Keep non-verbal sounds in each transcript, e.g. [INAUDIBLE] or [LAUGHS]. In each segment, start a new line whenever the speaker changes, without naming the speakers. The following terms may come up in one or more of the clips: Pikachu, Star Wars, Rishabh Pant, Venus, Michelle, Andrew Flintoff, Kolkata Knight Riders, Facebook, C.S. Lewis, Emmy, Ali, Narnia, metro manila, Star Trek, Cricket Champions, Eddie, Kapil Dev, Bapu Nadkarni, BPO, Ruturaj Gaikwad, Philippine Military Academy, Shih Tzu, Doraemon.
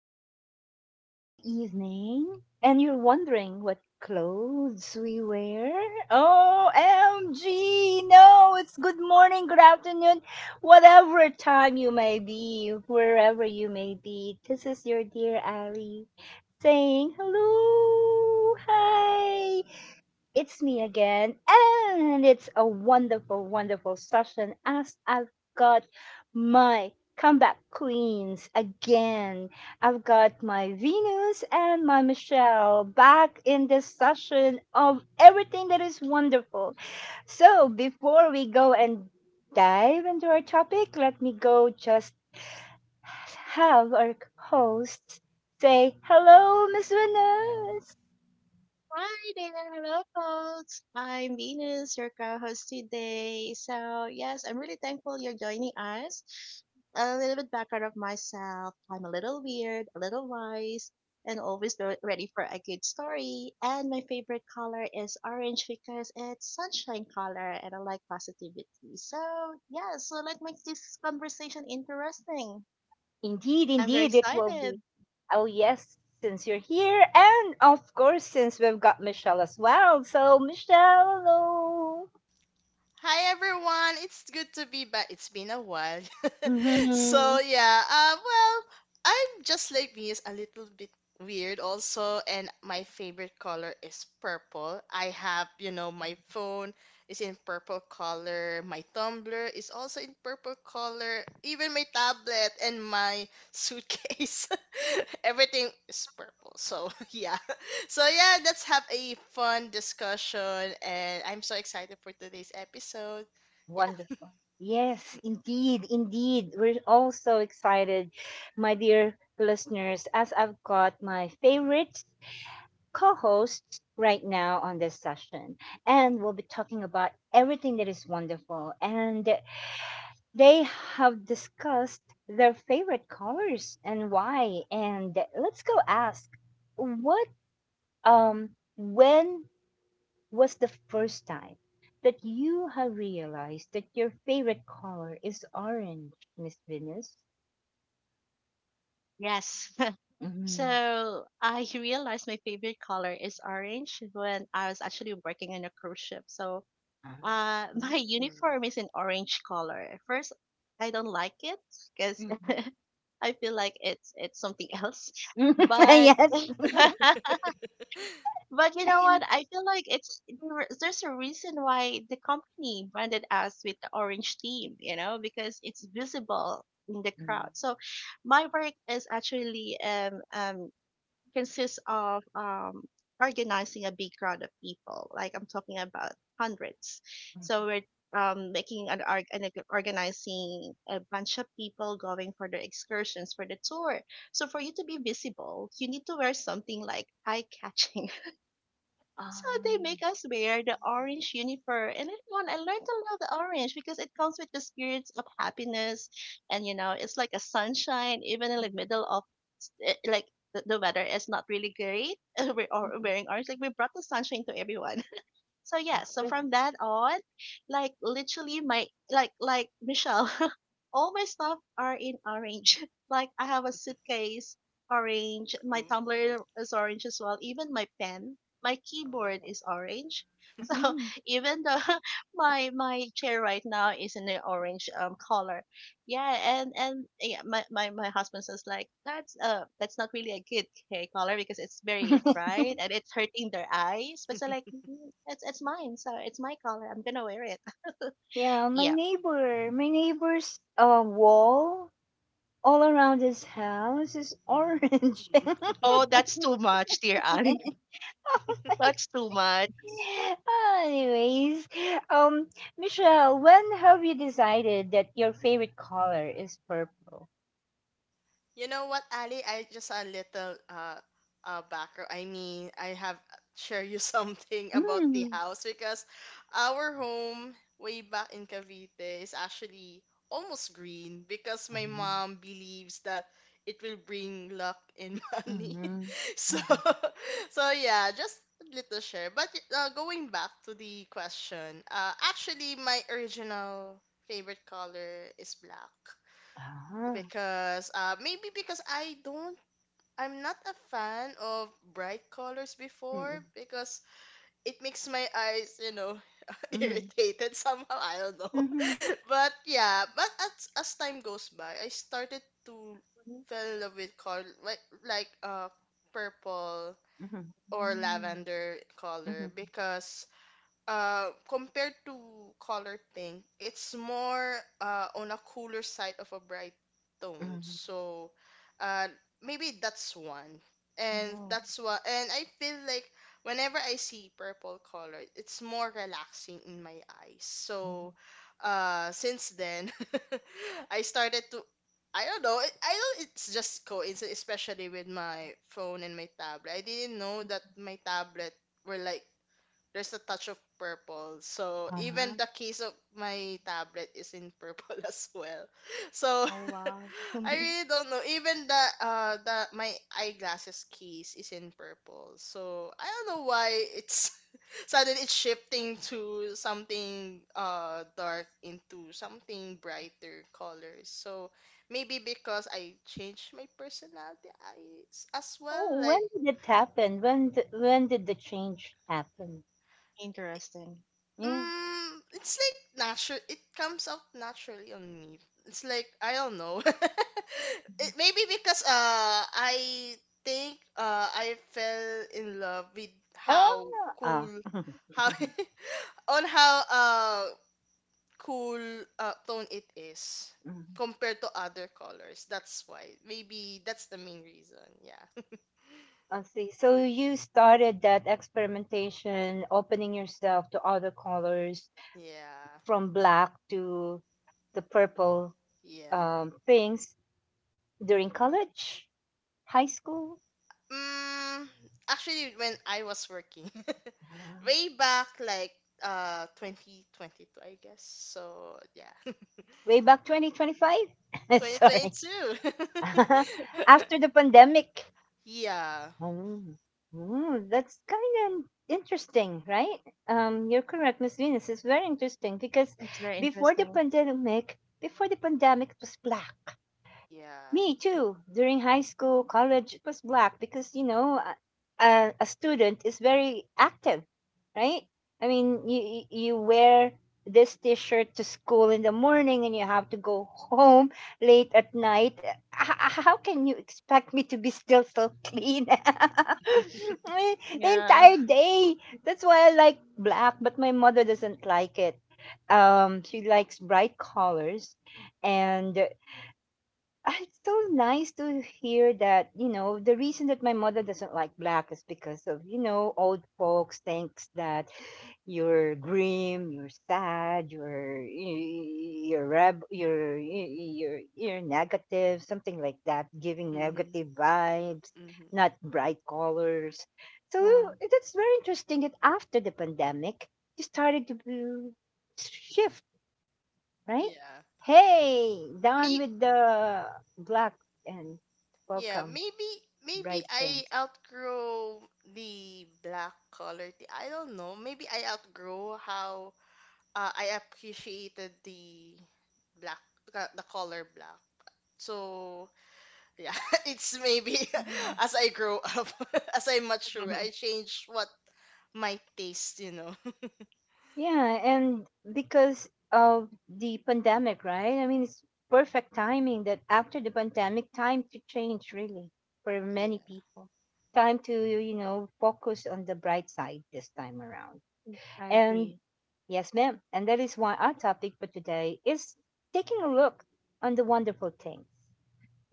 Is it late in the evening? And you're wondering what clothes we wear? OMG! No, it's good morning, good afternoon, whatever time you may be, wherever you may be. This is your dear Ali saying hello, hi, it's me again, and it's a wonderful, wonderful session as I've got my comeback queens again. I've got my Venus and my Michelle back in this session of everything that is wonderful. So, before we go and dive into our topic, let me go just have our hosts say hello, Miss Venus.
Hi, there. Hello, folks. I'm Venus, your co-host today. So, yes, I'm really thankful you're joining us. A little bit background of myself. I'm a little weird, a little wise, and always ready for a good story. And my favorite color is orange because it's sunshine color, and I like positivity. So, yeah, so like make this conversation interesting.
Indeed,
I'm very
indeed, it will be.
excited.
Oh, yes, since you're here. And of course, since we've got Michelle as well. So, Michelle, hello.
Hi everyone, it's good to be back. It's been a while. [LAUGHS]
hmm
So yeah, I'm just like me is a little bit weird also, and my favorite color is purple. I have, my phone is in purple color, my tumbler is also in purple color, even my tablet and my suitcase, [LAUGHS] everything is purple. So [LAUGHS] yeah, let's have a fun discussion, and I'm so excited for today's episode. Yeah.
Wonderful. Yes, indeed, indeed. We're all so excited, my dear listeners, as I've got my favorite co hosts right now on this session. And we'll be talking about everything that is wonderful. And they have discussed their favorite colors and why. And let's go ask what, um, when was the first time that you have realized that your favorite color is orange, Miss Venus?
Yes. [LAUGHS]
Mm-hmm.
So I [LAUGHS] realized my favorite color is orange when I was actually working on a cruise ship. So
Ah.
[LAUGHS] my
Mm.
uniform is in orange color. At first, I don't like it because
Mm-mm.
[LAUGHS] I feel like it's something else. But
[LAUGHS] Yes.
[LAUGHS]
[LAUGHS]
but you know what? I feel like it's there's a reason why the company branded us with the orange theme. You know, because it's visible in the crowd.
Mm.
So my work is actually consists of organizing a big crowd of people. Like, I'm talking about hundreds. So we're making organizing a bunch of people going for their excursions for the tour. So for you to be visible, you need to wear something like eye catching. [LAUGHS] So they
Ah.
make us wear the orange uniform, and everyone I learned to love the orange because it comes with the spirits of happiness, and you know it's like a sunshine even in the middle of like, the weather is not really great. [LAUGHS] We're all wearing orange. Like, we brought the sunshine to everyone. [LAUGHS] So yeah. So
After.
Wow.
from that on, like literally my, like Michelle, [LAUGHS] all my stuff are in orange. [LAUGHS] Like, I have a suitcase orange. My
Ooh.
tumbler is orange as well. Even my pen, my keyboard
Oh.
is orange. [LAUGHS] So,
Mhm. [LAUGHS]
even though [LAUGHS] my chair right now is in the orange color, yeah. And yeah, my husband says like that's not really a good hair color because it's very bright and it's hurting their eyes, but so like,
[LAUGHS]
"Mm, it's mine, so it's my color. I'm gonna wear it."
Yeah,
[LAUGHS]
my
Yeah.
neighbor, my neighbor's wall all around his house is orange.
Mm.
[LAUGHS]
Oh, that's too much, dear Ali. [LAUGHS] That's too much.
Anyways, um, Michelle, when have you decided that your favorite color is purple?
You know what, Ali? I just a little background. I mean, I have share you [LAUGHS] something about the
Mm-hmm.
house because our home way back in Cavite is actually almost green because my mom believes that it will bring luck and [LAUGHS] money.
Mm-hmm.
So
Mm-hmm.
[LAUGHS] yeah, just a little share. But going back to the question, actually my original favorite color is black
Ah.
because maybe because I'm not a fan of bright colors
Mm-hmm.
before because it makes my eyes [LAUGHS]
Mm-hmm.
irritated somehow. I don't know.
Mm-hmm.
[LAUGHS] But yeah, but as time goes by, I started to fell in love with color like purple
Mm-hmm.
or
Mm.
lavender color because compared to color pink, it's more on a cooler side of a bright tone.
Mm-hmm.
So uh, maybe that's one. And
Oh.
that's what, and I feel like whenever I see purple color, it's more relaxing in my eyes.
Mm-hmm.
So since then, [LAUGHS] I started to. I don't know. I know it's just coincidence, especially with my phone and my tablet. I didn't know that my tablet were like there's a touch of purple. So
Ah.
even the case of my tablet is in purple [LAUGHS] as well. So
Oh, wow.
[LAUGHS] I
[LAUGHS]
really don't know. Even the my eyeglasses case is in purple. So I don't know why it's [LAUGHS] suddenly it's shifting to something dark into something brighter colors. So maybe because I changed my personality I, as well.
Oh,
Like
when did it happen? When d when did the change happen?
Interesting.
Yeah.
It's like natural. It comes out naturally on me. It's like I don't know. [LAUGHS]
Mhm.
Maybe because I think I fell in love with how
Ah.
cool how
[LAUGHS]
[LAUGHS] on how cool tone it is
Ah.
compared to other colors. That's why. Maybe that's the main reason. Yeah. [LAUGHS]
I see. So you started that experimentation, opening yourself to other colors
Yeah.
from black to the purple
Yeah.
things during college, high school,
Mm, Actually, when I was working, [LAUGHS]
uh,
way back like 2022, I guess. So yeah, [LAUGHS]
way back 2025. [LAUGHS] Sorry.
2022.
[LAUGHS] After
[LAUGHS]
the pandemic.
Yeah,
Oh, mm, that's kind of interesting, right? You're correct, Miss Venus. It's very interesting because
It's very interesting.
before the pandemic, it was black.
yeah.
Me too. During high school, college, it was black because you know a student is very active, right? I mean, you wear this T-shirt to school in the morning, and you have to go home late at night. How can you expect me to be still so clean? [LAUGHS] I mean, the
Yeah,
entire day. That's why I like black, but my mother doesn't like it. She likes bright colors, and ah, it's so nice to hear that, you know, the reason that my mother doesn't like black is because of, you know, old folks thinks that you're grim, you're sad, you're reb, you're negative, something like that, giving
Mm-hmm.
negative vibes,
Mm-hmm.
not bright colors. So
yeah.
that's very interesting that after the pandemic, you started to shift. Right?
Yeah.
Hey, down
Maybe,
with the black and
yeah,
welcome
maybe maybe
bright
I
things.
outgrow the black color tea. I don't know. Maybe I outgrow how I appreciated black the color black. So yeah, [LAUGHS] it's maybe
Mhm.
[LAUGHS] as I grow up, [LAUGHS] as I mature, I
[LAUGHS]
change what my taste. [LAUGHS]
Yeah, and because of the pandemic, right? I mean, it's perfect timing that after the pandemic, time to change really for
Yeah.
many people. Time to, you know, focus on the bright side this time around.
I
And
agree.
yes, ma'am. And that is why our topic for today is taking a look on the wonderful things.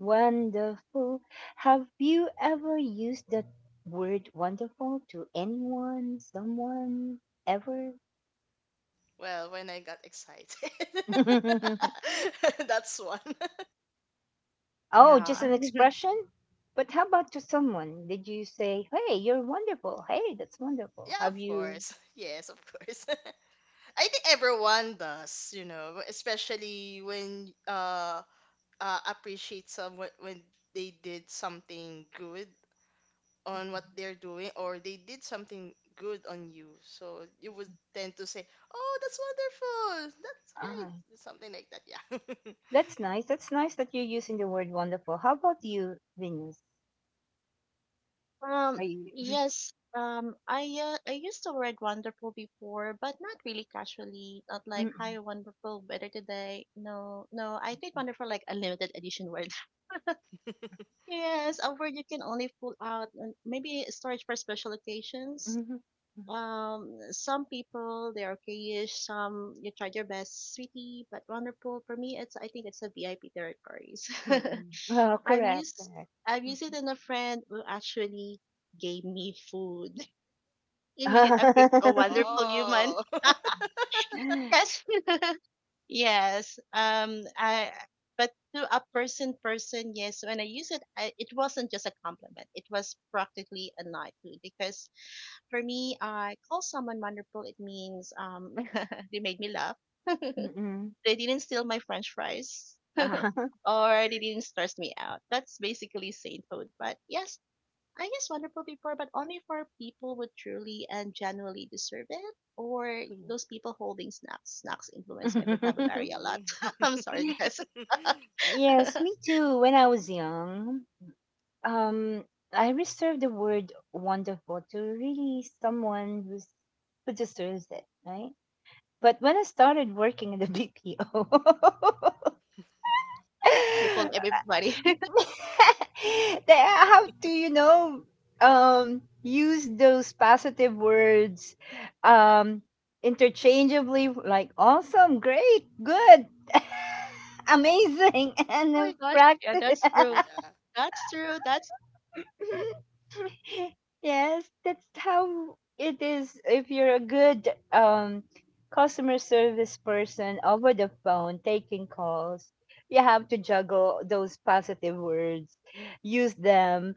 Wonderful. Have you ever used the word wonderful to anyone, someone, ever?
Well, when I got excited.
[LAUGHS]
[LAUGHS] That's one. [LAUGHS]
Oh, just
Yeah.
an
[LAUGHS]
expression? But how about to someone? Did you say, hey, you're wonderful? Hey, that's wonderful.
Yeah,
Have
of
you?
course. Yes, of course. [LAUGHS] I think everyone does, especially when appreciate someone when they did something good on what they're doing or they did something good on you. So you would tend to say, "Oh, that's wonderful. That's great."
Ah,
Something like that. Yeah.
that's nice. That's nice that you're using the word wonderful. How about you, Venus?
Um,
Are you? Mhm,
yes. I used to read Wonderful before, but not really casually. Not like,
mhm,
"Hi Wonderful, Better Today." No, no. I think Wonderful, like, a limited edition word.
[LAUGHS]
[LAUGHS] Yes, a word you can only pull out, and maybe storage for special occasions.
mhm,
Some people, they're okayish. Some you tried your best, sweetie, but Wonderful for me, it's, I think it's, a VIP territories.
mhm, mhm.
[LAUGHS]
Oh,
I've
correct.
used
Correct.
I've used it in a friend who actually gave me food. Immediate upgrade to a wonderful human.
Wow. [LAUGHS]
[LAUGHS]
Mhm.
Yes. [LAUGHS] Yes. I, but to a person person, yes, when I use it, it wasn't just a compliment. It was practically a knighthood because for me, I call someone wonderful, it means [LAUGHS] they made me laugh.
[LAUGHS] Mm-mm.
They didn't steal my french fries,
Uh,
or they didn't stress me out. That's basically sainthood. But yes, I guess wonderful before, but only for people who truly and genuinely deserve it, or those
[LAUGHS]
people holding snacks. Snacks influence my vocabulary a lot.
Ooh.
[LAUGHS] I'm sorry,
[LAUGHS]
guys.
yes, me
[LAUGHS]
too. When I was young, um, I reserved the word wonderful to really who deserves it, right? But when I started working in the BPO,
You called
[LAUGHS]
everybody. [LAUGHS] Oh
[LAUGHS] they have to, you know, use those positive words um, interchangeably, like awesome, great, good, [LAUGHS] amazing, [LAUGHS] and
my
then
gosh, yeah,
practice.
that's true.
Yeah.
That's true. That's
[LAUGHS] Yes, that's how it is if you're a good customer service person over the phone taking calls. You have to juggle those positive words, use them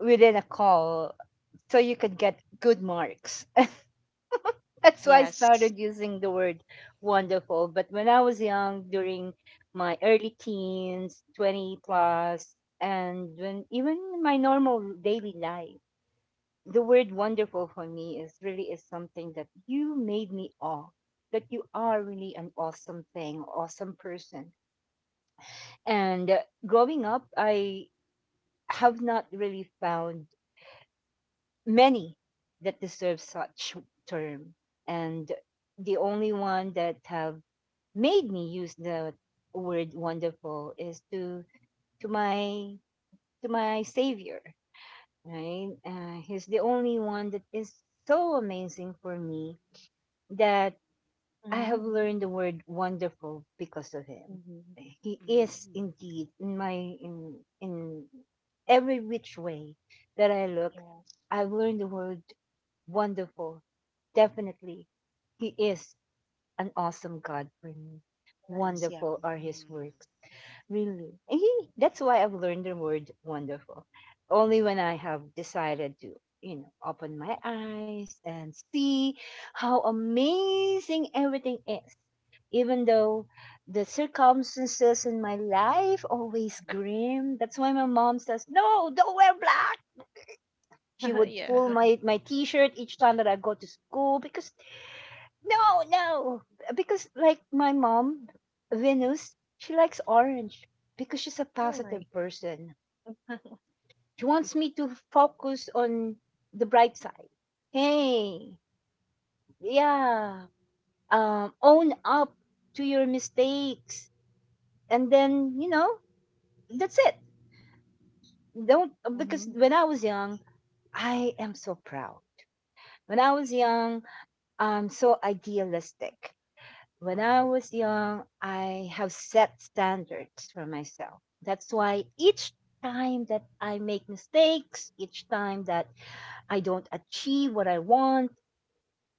within a call so you could get good marks. [LAUGHS] That's why I
yes.
started using the word
Mm,
wonderful. But when I was young, during my early teens, 20 plus, and when even in my normal daily life,
mm,
the word
mm,
wonderful for me is really is something that you made me awe, that you are really an awesome thing, awesome person. And growing up, I have not really found many that deserve such term and the only one that have made me use the word wonderful is to my to my savior, right. He's the only one that is so amazing for me that I
Mm-hmm.
have learned the word wonderful because of him.
Mm-hmm.
He is
mm.
indeed in my in every which way that I look.
Yes,
I've learned the word wonderful. Definitely. He is an awesome God for me.
nice. Yeah.
Wonderful are his works. Really. And he, that's why I've learned the word wonderful. Only when I have decided to, you know, open my eyes and see how amazing everything is. Even though the circumstances in my life always grim. That's why my mom says, no, don't wear black. She
[LAUGHS]
would
Yeah.
pull
Mm.
my T-shirt each time that I go to school because no, no, because like my mom, Venus, she likes orange because she's a positive
Really.
person.
[LAUGHS]
She wants me to focus on the bright side. Hey, yeah, own up to your mistakes, and then you know that's it. Don't, because
Mm-hmm.
when I was young, I am so proud. When I was young, I'm so idealistic. When I was young, I have set standards for myself. That's why each time that I make mistakes, each time that I don't achieve what I want,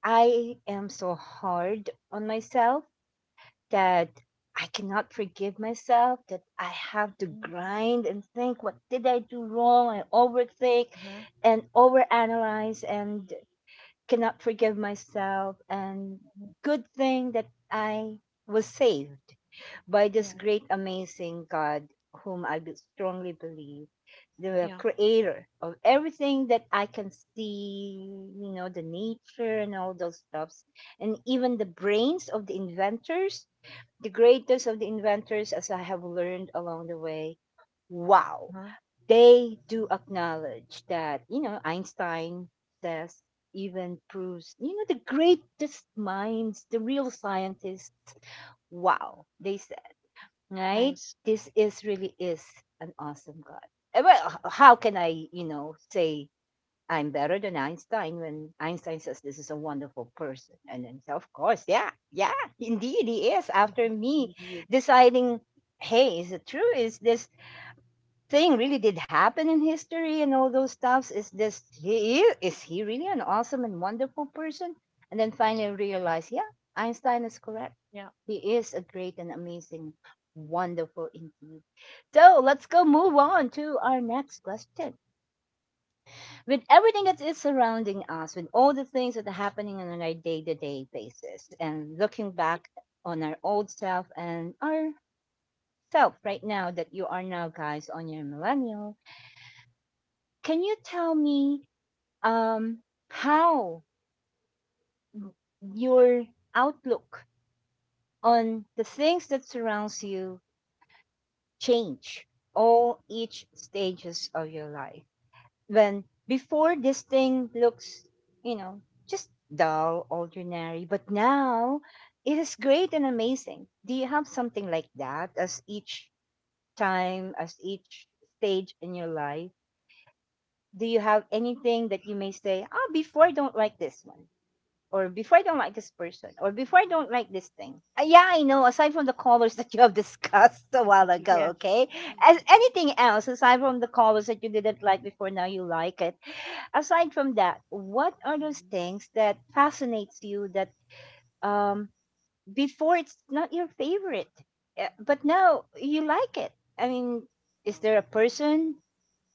I am so hard on myself that I cannot forgive myself, that I have to
Mm-hmm.
grind and think, what did I do wrong? I overthink
Uh-huh.
and overanalyze and cannot forgive myself. And
Hmm.
good thing that I was saved by this
Yeah.
great, amazing God, whom I strongly believe, the
Yeah.
creator of everything that I can see, you know, the nature and all those stuffs, and even the brains of the inventors, the greatest of the inventors, as I have learned along the way. Wow.
Uh-huh.
They do acknowledge that, you know, Einstein says, even proves, you know, the greatest minds, the real scientists. Wow. Right?
Nice.
This is really is an awesome God. Eh, well, h- how can I, you know, say I'm better than Einstein when Einstein says this is a wonderful person? And then, so, of course, yeah, yeah, indeed, he is. After me
Indeed.
deciding, hey, is it true? Is this thing really did happen in history and all those stuffs? Is this, he is, he really an awesome and wonderful person? And then finally realize, yeah, Einstein is correct.
Yeah.
He is a great and amazing, wonderful indeed. So let's go move on to our next question. With everything that is surrounding us, with all the things that are happening on our day-to-day basis, and looking back on our old self and our self right now, that you are now guys on your millennial, can you tell me um, how your outlook on the things that surrounds you change all each stages of your life? When before this thing looks, you know, just dull, ordinary, but now it is great and amazing. Do you have something like that as each time, as each stage in your life? Do you have anything that you may say, oh, before I don't like this one, or before I don't like this person, or before I don't like this thing. Yeah, I know, aside from the colors [LAUGHS] that you have discussed a while ago,
Yeah.
okay? As anything else, aside from the colors that you didn't like before, now you like it. Aside from that, what are those things that fascinates you that um before it's not your favorite, but now you like it? I mean, is
Oh.
there a person,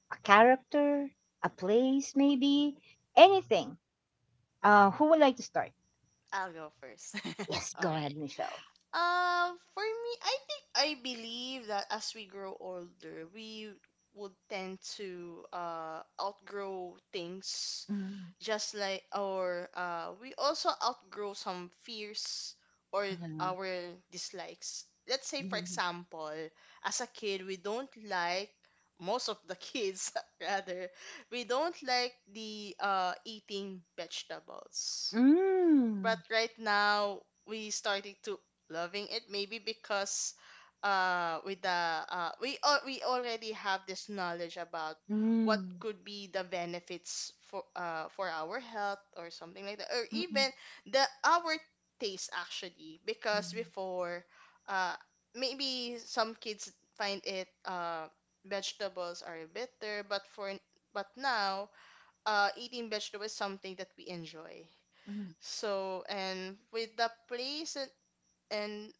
a character, a place
Mhm.
maybe, anything? Who would like to start?
I'll go first.
Yes,
[LAUGHS] All
go ahead,
right.
Michelle.
For me, I think I believe that as we grow older, we would tend to outgrow things,
Mm,
just like or we also outgrow some fears or
mhm,
our dislikes. Let's say, for
mhm.
example, as a kid, we don't like most of the kids [LAUGHS] rather we don't like the eating vegetables
Mm,
but right now we starting to loving it maybe because with the we already have this knowledge about what
mm,
could be the benefits for our health or something like that or
mm,
even the our taste actually because
mm,
before uh maybe some kids find it vegetables are bitter but now eating vegetables is something that we enjoy
mm,
so, and with the place and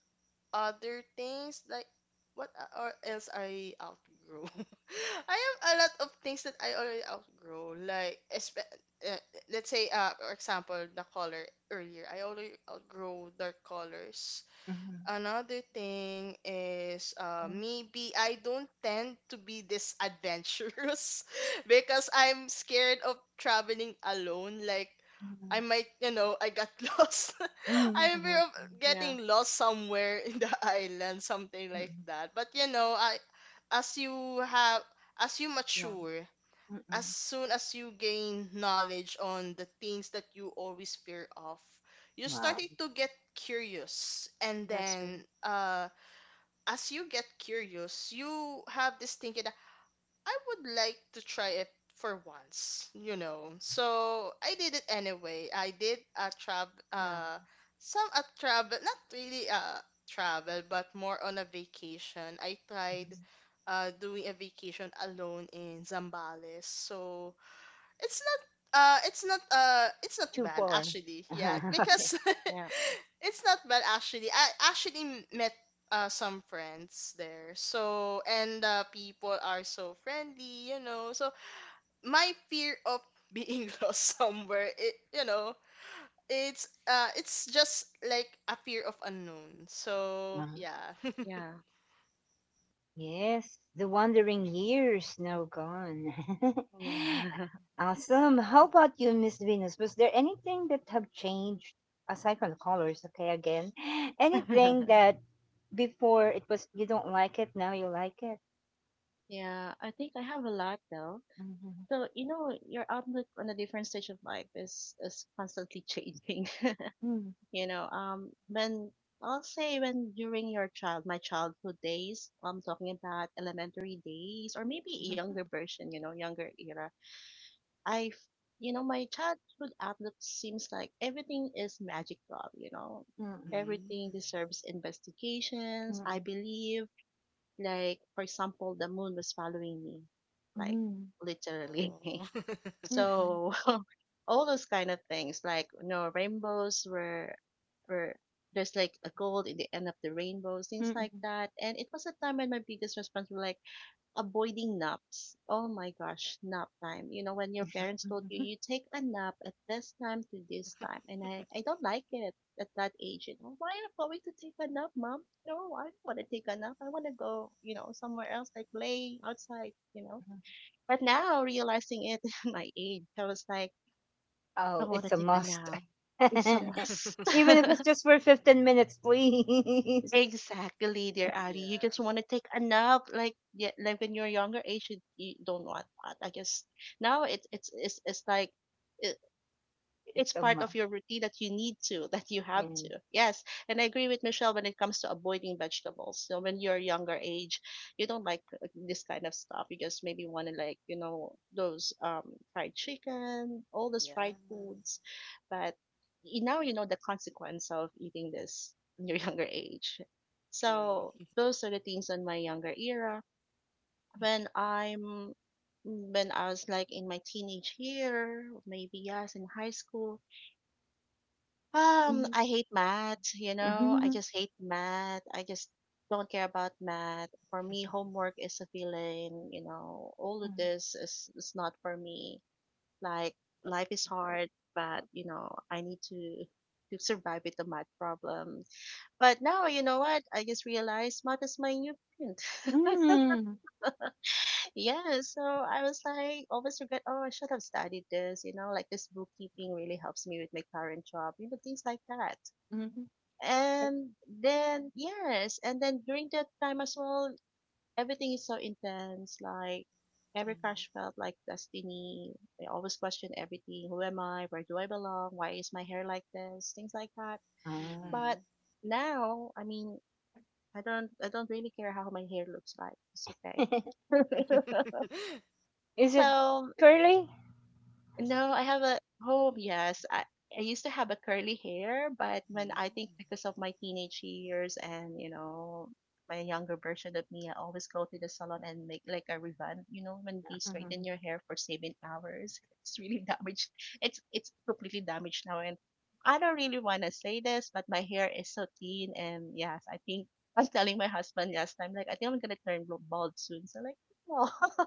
other things, like or else I outgrow? [LAUGHS] I have a lot of things that I already outgrow. Like, uh, let's say, for example, the color earlier. I already outgrow dark colors.
mhm,
Another thing is
Uh-huh.
maybe I don't tend to be this adventurous [LAUGHS] because I'm scared of traveling alone. Like,
mhm,
I might, I got [LAUGHS] lost.
mm,
I'm afraid
Uh-huh.
of
Yeah.
getting lost somewhere in the [LAUGHS] island, something like that. But I as you have as you
Yeah.
mature
mm,
as
mm.
soon as you gain knowledge on the things that you always fear of, you're
Wow,
starting to get curious. And
That's true.
then, as you get curious, you have this thinking that I would like to try it for once. So I did it anyway. I did a travel,
Yeah.
some a travel, not really a travel, but more on a vacation. I tried doing a vacation alone in Zambales. So it's not it's not
too
bad
far.
actually, yeah,
Uh-huh, [LAUGHS] okay.
because
Yeah.
[LAUGHS] it's not bad actually. I actually met some friends there, so, and people are so friendly, so my fear of being [LAUGHS] lost somewhere, it you know it's just like a fear of unknown, so
Uh-huh.
yeah. [LAUGHS] Yeah.
Yeah.
Yes, the wandering years now gone. [LAUGHS]
Yeah.
Awesome. How about you, Miss Venus? Was there anything that have changed aside from the colors? Okay, again, [GASPS] anything
[LAUGHS]
that before it was you don't like it, now you like it.
Yeah. I think I have a lot though. So, you know, your outlook on a different stage of life is constantly changing. [LAUGHS]
Hmm.
You know, when I'll say when during your child my childhood days, I'm talking about elementary days or maybe a younger
[LAUGHS]
version, you know, younger era. I, f- you know, my childhood outlook seems like everything is magical, you know.
Mhm,
Everything
Mm.
deserves investigations. I
mm,
believe, like, for example, the moon was following me, like,
mm,
literally. [LAUGHS]
Oh. [LAUGHS]
mhm,
So, [LAUGHS] all those kind of things, like, you know, were, there's like a gold in the end of the rainbow,
mm,
things like
mm,
that. And it was a time when my biggest response was like avoiding naps. Oh my gosh, nap time. You know, when your parents told you,
mhm.
you take a nap at this time to this time. And I don't like it at that age. You know, why are you going to take a nap, mom? No, I don't want to take a nap. I want to go, you know, somewhere else, like play outside, you know. But now realizing it [LAUGHS] at my age, I was like, I
Oh,
want
it's
to
a
take a
must.
nap.
[LAUGHS]
It's a
Even
Yeah. [LAUGHS]
must.
if it's
[LAUGHS]
just for 15 minutes, please.
Exactly, dear Ari. You
Yeah,
just want to take a nap, like, yeah, like when you're younger age, you don't want that. I guess now it's like it,
[LAUGHS]
it's
It's a
part of
must.
your routine that you have
Yeah.
to. Yes. And I agree with Michelle when it comes to avoiding vegetables. So when you're younger age, you don't like this kind of stuff. You just maybe want to like, you know, those fried chicken, all those fried
yeah,
foods. But you now you know the consequence of eating this in your [LAUGHS] younger age. So
true.
those are the things on my younger era. When I'm when I was like in my teenage year, maybe, yes, in high school,
Mhm,
I hate math, you know. I
mhm,
just hate math. I just don't care about math. For me, homework is a feeling, you know. All of this is not for me. Like, life is hard, but you know, I need to survive with the math problem. But now, you know what? I just realized math is my new friend. [LAUGHS]
mm,
Yeah, so I was like always regret, oh, I should have studied this, you know, like this bookkeeping really helps me with my current job, you know, things like that.
mhm.
And then, yes, and then during that time as well, everything is so intense, like every crush felt like destiny. I always question everything: who am I, where do I belong, why is my hair like this, things like that.
Ah.
Mm-hmm.
But now, I mean, I don't really care how my hair looks like, it's okay.
[LAUGHS]
[LAUGHS]
[LAUGHS]
Is it
So,
curly?
no, I have a home. Yes, I used to have a curly hair, but when
Mm.
I think, because of my teenage years, and you know, my younger version of me, I always go to the salon and make like a revamp. You know, when they straighten
Mhm.
your hair for 7 hours, [LAUGHS] it's really damaged. It's completely damaged now, and I don't really want to say this, but my hair is so thin, and yes, I think [LAUGHS] I was telling my husband last time, like, I think I'm gonna turn bald soon. So, like, [LAUGHS] oh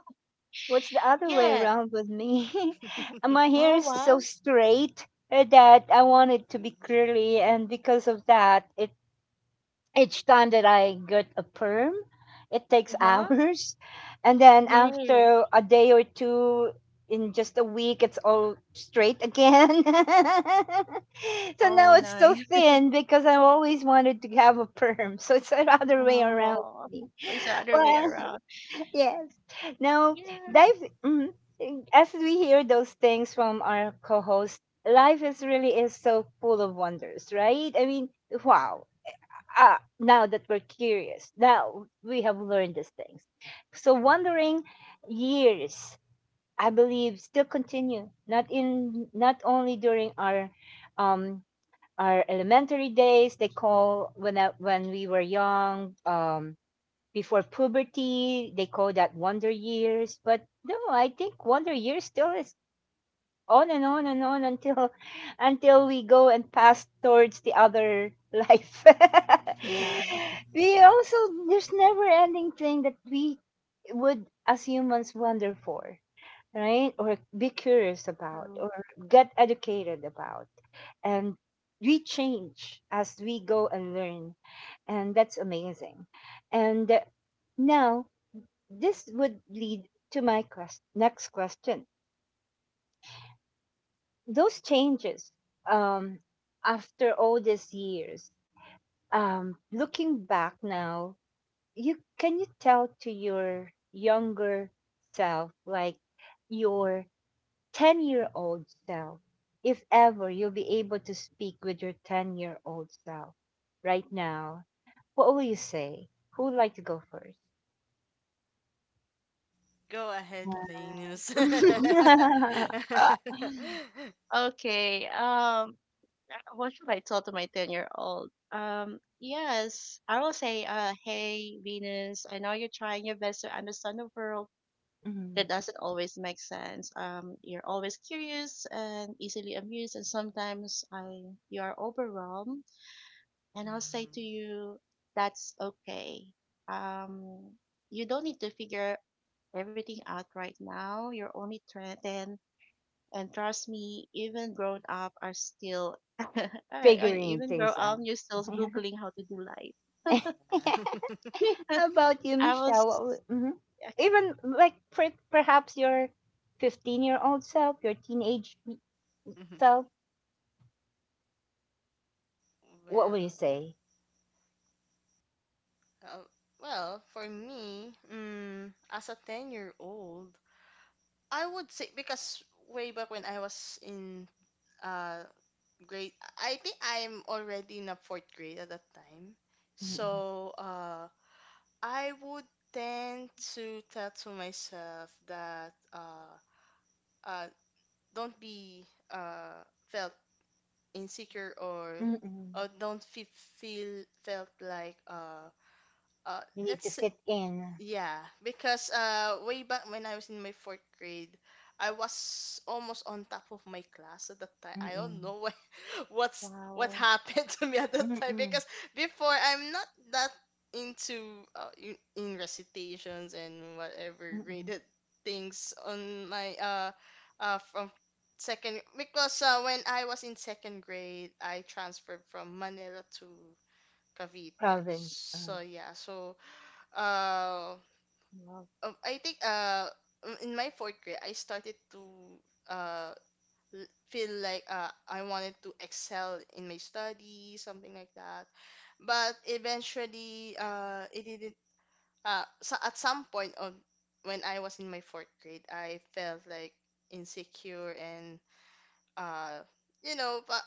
What's the other way
yeah.
around with me? [LAUGHS] My
[LAUGHS]
hair
Oh,
is so
wow.
straight that I want it to be
Ooh.
curly, and because of that, it each time that I get a perm, it takes [LAUGHS]
Huh.
hours. And then
Yes.
after a day or two, in just a week, it's all straight again. [LAUGHS] So now
Oh,
it's so
nice.
thin because I always wanted to have a perm. So it's [LAUGHS] the other way around.
Oh, it's the other way
Well,
around.
[LAUGHS] yes. Now,
Yeah.
life, mm, as we hear those things from our co host, life is really is so full of wonders, right? I mean, wow now that we're curious, now we have learned these things. So wandering years, I believe, still continue. Not only during um our elementary days, they call when when we were young, before puberty, they call that wonder years. But no, I think wonder years still is on and on and on until we go and pass towards the other life.
[LAUGHS]
Yeah.
[LAUGHS] We also there's never ending thing that we would as humans wonder for, right? Or be curious about
True.
or get educated about. And we change as we go and learn. And that's amazing. And now this would lead to my next question. Those changes, um after all these years, looking back now, you can you tell to your younger self, like your 10-year-old self, if ever you'll be able to speak with your 10-year-old self right now, what will you say? Who would like to go first?
Go ahead, Venus. [LAUGHS] Mhm.
Uh, [LAUGHS]
Okay. What should I tell to my 10-year-old? Yes, I will say, hey, Venus, I know you're trying your best to understand the world. That
Mhm.
doesn't always make sense. You're always curious and easily amused, and sometimes I you are overwhelmed. And I'll say to you, that's okay. Um, you don't need to figure everything out right now. You're only 10. And trust me, even grown up are still, [LAUGHS]
Figuring
even grown
things
up,
out.
you're still Googling how to do life.
Yeah.
[LAUGHS]
[LAUGHS]
How
[LAUGHS]
about you,
I was,
Michelle? What would, mhm.
okay.
Even like perhaps your 15-year-old self, your teenage
Mhm.
self, what would you
Well,
say?
uh, well, for me, as a 10-year-old, I would say because way back when I was in uh grade, I think I'm already in a fourth grade at that time.
Mm-mm.
So, I would tend to tell to myself that uh, don't be uh, felt insecure or
Mm-mm.
don't feel felt like uh,
You need to
let's s-
fit in.
yeah because way back when I was in my fourth grade I was almost on top of my class at that time I don't
Mm-mm.
know. [LAUGHS] What
Wow.
happened [LAUGHS] to me at that time
Mm-mm.
because before I'm not that into in recitations and whatever
Mm-mm.
graded things on my from second because when I was in second grade I transferred from Manila to Cavite
Province.
so yeah, uh
Wow.
I think in my fourth grade I started to uh feel like I wanted to excel in my study, something like that. But eventually, it didn't. So at some point on when I was in my fourth grade, I felt like insecure and uh, but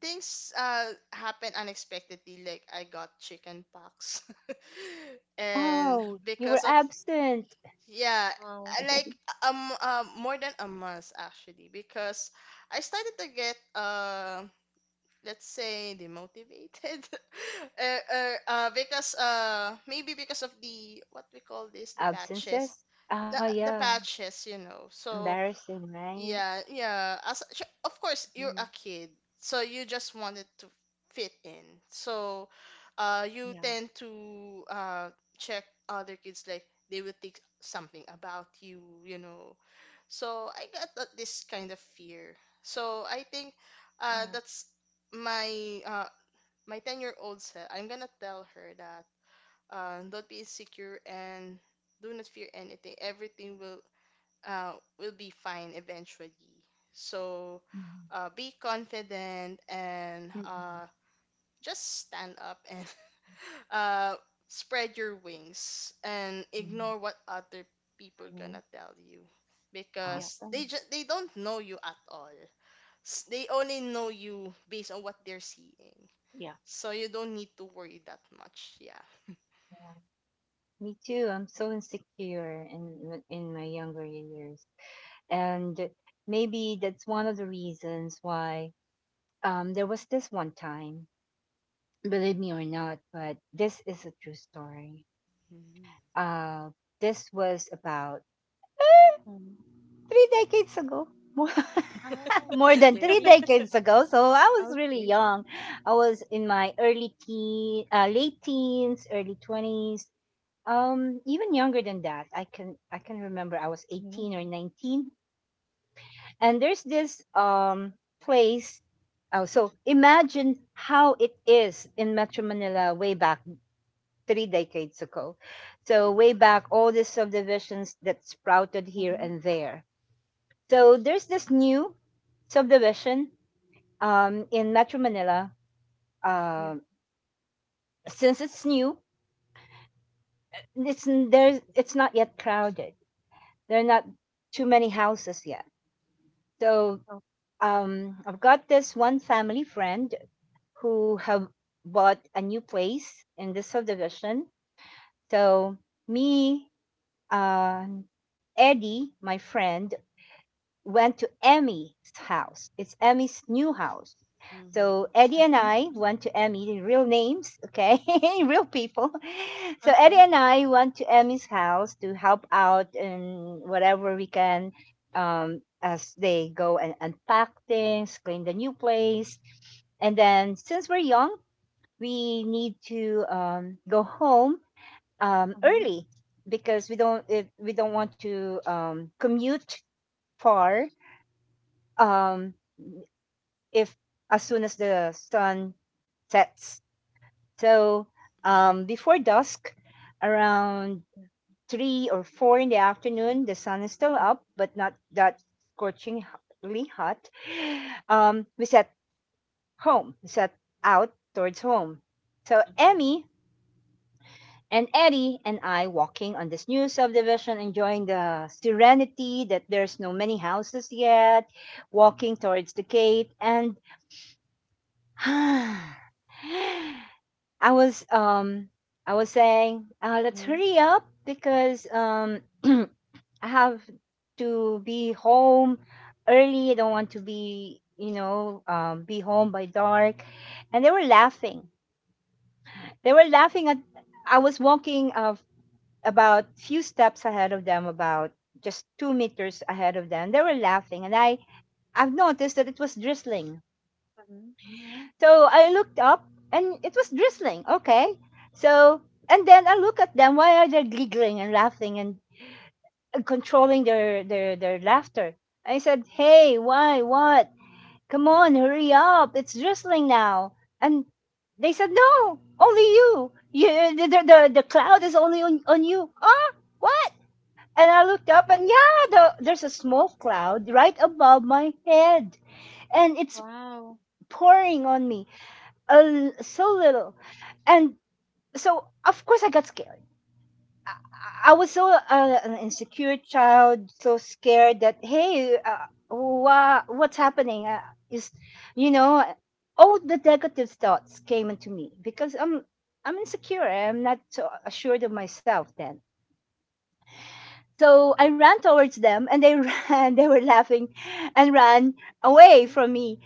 things happened unexpectedly. Like I got chicken pox, [LAUGHS] and
Oh, you were
because of
absent.
yeah,
Wow.
like more than a month actually because I started to get let's say demotivated. [LAUGHS] Because maybe because of the, what we call this, the patches
Absences? Oh,
the the
yeah.
patches, so
Embarrassing, right?
yeah, yeah. Of course you're a
Mhm.
kid, so you just wanted to fit in. So, you
Yeah.
tend to check other kids like they will think something about you, you know. So I got that, this kind of fear. So I think,
Yeah.
that's my uh my 10-year old self. I'm gonna tell her that don't be insecure and do not fear anything. Everything uh, will be fine eventually. So
Mm-mm.
be confident and
Mm-mm.
just stand up and [LAUGHS] uh, spread your wings and
Mm.
ignore what other people
Hmm.
gonna tell you
Yeah.
because
Awesome.
they don't know you at all. They only know you based on what they're seeing.
Yeah.
So you don't need to worry that much. Yeah.
Yeah. Me too. I'm so insecure in my younger years. And maybe that's one of the reasons why, there was this one time, believe me or not, but this is a true story.
Hmm.
Uh, this was about
Mhm.
3 decades ago. More. [LAUGHS]
Oh,
More than three
okay.
decades ago, so I was really
Okay.
young. I was in my early teen, late teens, early 20s, even younger than that. I can remember I was
Hmm.
18 or 19, and there's this place. Oh, so imagine how it is in Metro Manila way back 3 decades ago. So way
Hmm.
back, all these subdivisions that sprouted here
Hmm.
and there. So there's this new subdivision in Metro Manila.
Yeah.
Uh, since it's new, it's not yet crowded. There are not too many houses yet. So
Okay.
I've got this one family friend who have bought a new place in the subdivision. So me, um, Eddie, my friend, went to Emmy's house. It's Emmy's new house.
Hmm.
So Eddie and I went to Emmy, real names, okay, [LAUGHS] real people. So Eddie
Okay.
and I went to Emmy's house to help out and whatever we can, as they go and unpack things, clean the new place. And then since we're young, we need to go home
Hmm.
early, because we don't want to commute far, um, if as soon as the sun sets. So,
Hmm. Hmm.
before dusk, around three or four in the afternoon, the sun is still
Hmm.
up, but not that scorchingly hot. [SIGHS] Um, we set we set out towards home. So
Mm-hmm.
Emmy and Eddie and I walking on this new subdivision, enjoying the serenity that there's no many houses yet, walking towards the gate, and [SIGHS] I was um I was saying, let's
Hmm.
hurry up, because [CLEARS THROAT] I have to be home early. I don't want to be, you know, be home by dark, and they were laughing. They were laughing at. I was walking, about few steps ahead of them, about just 2 meters ahead of them. They were laughing, and I've noticed that it was drizzling. So I looked up and it was drizzling. Okay. So and then I look at them. Why are they giggling and laughing and controlling their laughter? I said, "Hey, why, what? Come on, hurry up. It's drizzling now." And they said, "No, only you. The cloud is only on you." Ah, what? And I looked up and yeah, there's a small cloud right above my head. And it's
Wow.
pouring on me. A l so little and so of course I got scared. I was so, an insecure child, so scared that, hey, what's happening? Is, you know, all the negative thoughts came into me because I'm insecure. I'm not so assured of myself then. So I ran towards them, and they [LAUGHS] ran. They were laughing, and ran away
Mm.
from me.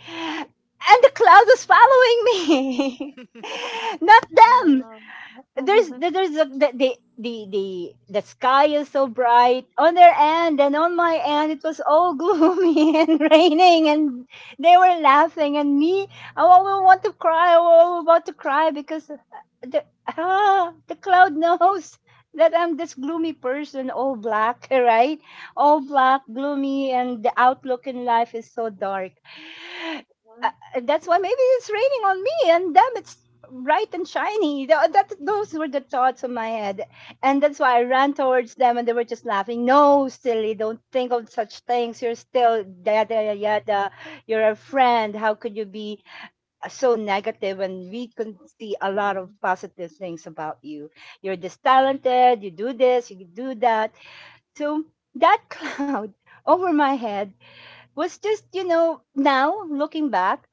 And the cloud was following me, [LAUGHS] not them.
Wow. [LAUGHS]
There's a, the sky is so bright on their end and on my end it was all gloomy [LAUGHS] and raining, and they were laughing, and me, I will want to cry. I was about to cry because, the cloud [LAUGHS] knows that I'm this gloomy person, all black, [LAUGHS] right? All black, gloomy, and the outlook in life is so dark, that's why maybe it's raining on me, and them it's bright and shiny. That those were the thoughts in my head, and that's why I ran towards them, and they were just laughing. "No, silly, don't think of such things. You're still yada yada yada. You're a friend. How could you be, so negative? And we can see a lot of
Mm-mm.
positive things about you. You're this talented. You do this. You do that." So that [LAUGHS] cloud over my head was just, you know, now looking back,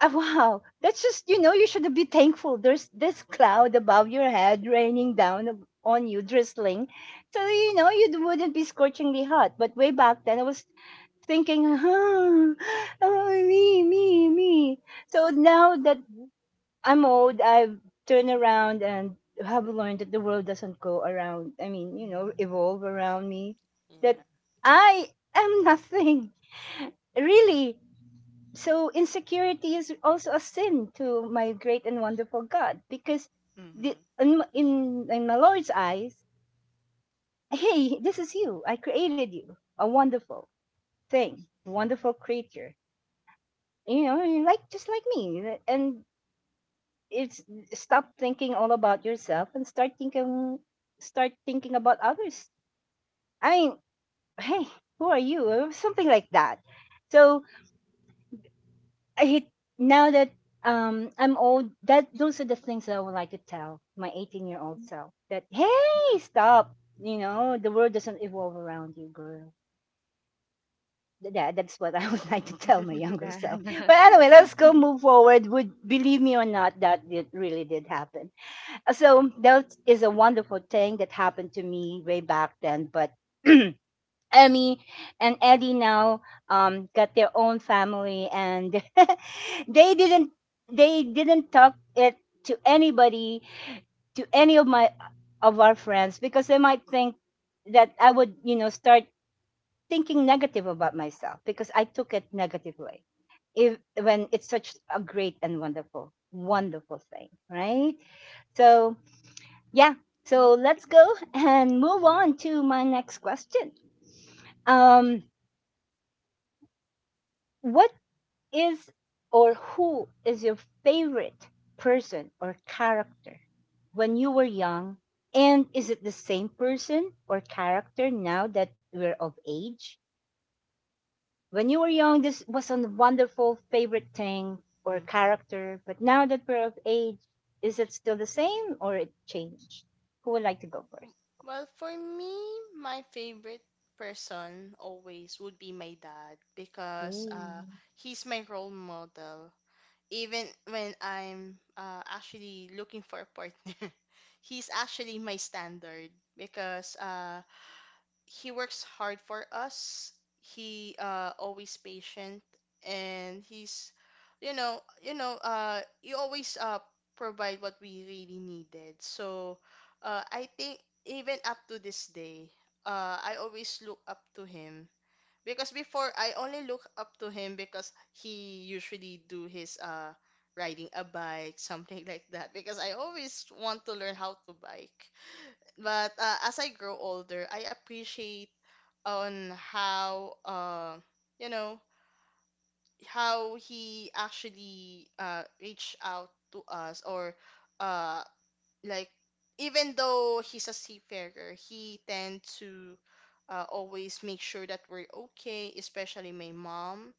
ah, wow, that's just, you know, you should be thankful. There's this cloud above your head raining down on you, drizzling. So you know you wouldn't be scorchingly hot. But way back then, I was thinking, [LAUGHS] huh, oh, me, me, me. So now that I'm old, I've turned around and have learned that the world doesn't go around. I mean, you know, evolve
[LAUGHS]
around me. That
Yeah.
I am nothing, [LAUGHS] really. So insecurity is also a sin to my great and wonderful God, because the,
Hmm.
in my Lord's eyes, hey, this is you. I created you, a wonderful thing, wonderful creature. You know, you're like just like me, and it's stop thinking all about yourself and start thinking about others. I mean, hey, who are you? Something like that. So I hit now that I'm old, that those are the things that I would like to tell my 18-year-old self. That, hey,
Yeah.
stop. You know, the world doesn't evolve around you, girl. That that's what I would [LAUGHS] like to tell my younger self.
[LAUGHS]
That.
But anyway, let's
[LAUGHS]
go move forward. Would believe me or not, really did happen. So that is a wonderful thing that happened to me way back then. But [CLEARS THROAT] Emmy and Eddie now, got their own family, and [LAUGHS] they didn't they didn't talk it to anybody, to any of my of our friends, because they might think that I would, you know, start thinking negative about myself because I took it negatively. If when it's such a great and wonderful, wonderful thing, right? So yeah,
Yep.
so let's go [LAUGHS] and move on to my next question. Um, what is or who is your favorite person or character when you were young? And is it the same person or character now that we're of age? When you were young, this was a wonderful favorite thing or
Mhm.
character, but now that we're of age, is it still the same or it changed? Who would like to go first?
Well, for me, my favorite person always would be my dad because
Yay.
he's my role model. Even when I'm actually looking for a partner, [LAUGHS] he's actually my standard because he works hard for us. He always patient and he's you know, you know, you always provide what we really needed. So I think even up to this day, I always look up to him. Because before I only look up to him because he usually do his riding a bike, [LAUGHS] something like that. Because I always want to learn how to bike. But as I grow older, I appreciate on how you know how he actually reached out to us or uh like Even though he's a seafarer, he tend to always make sure that we're okay, especially my mom.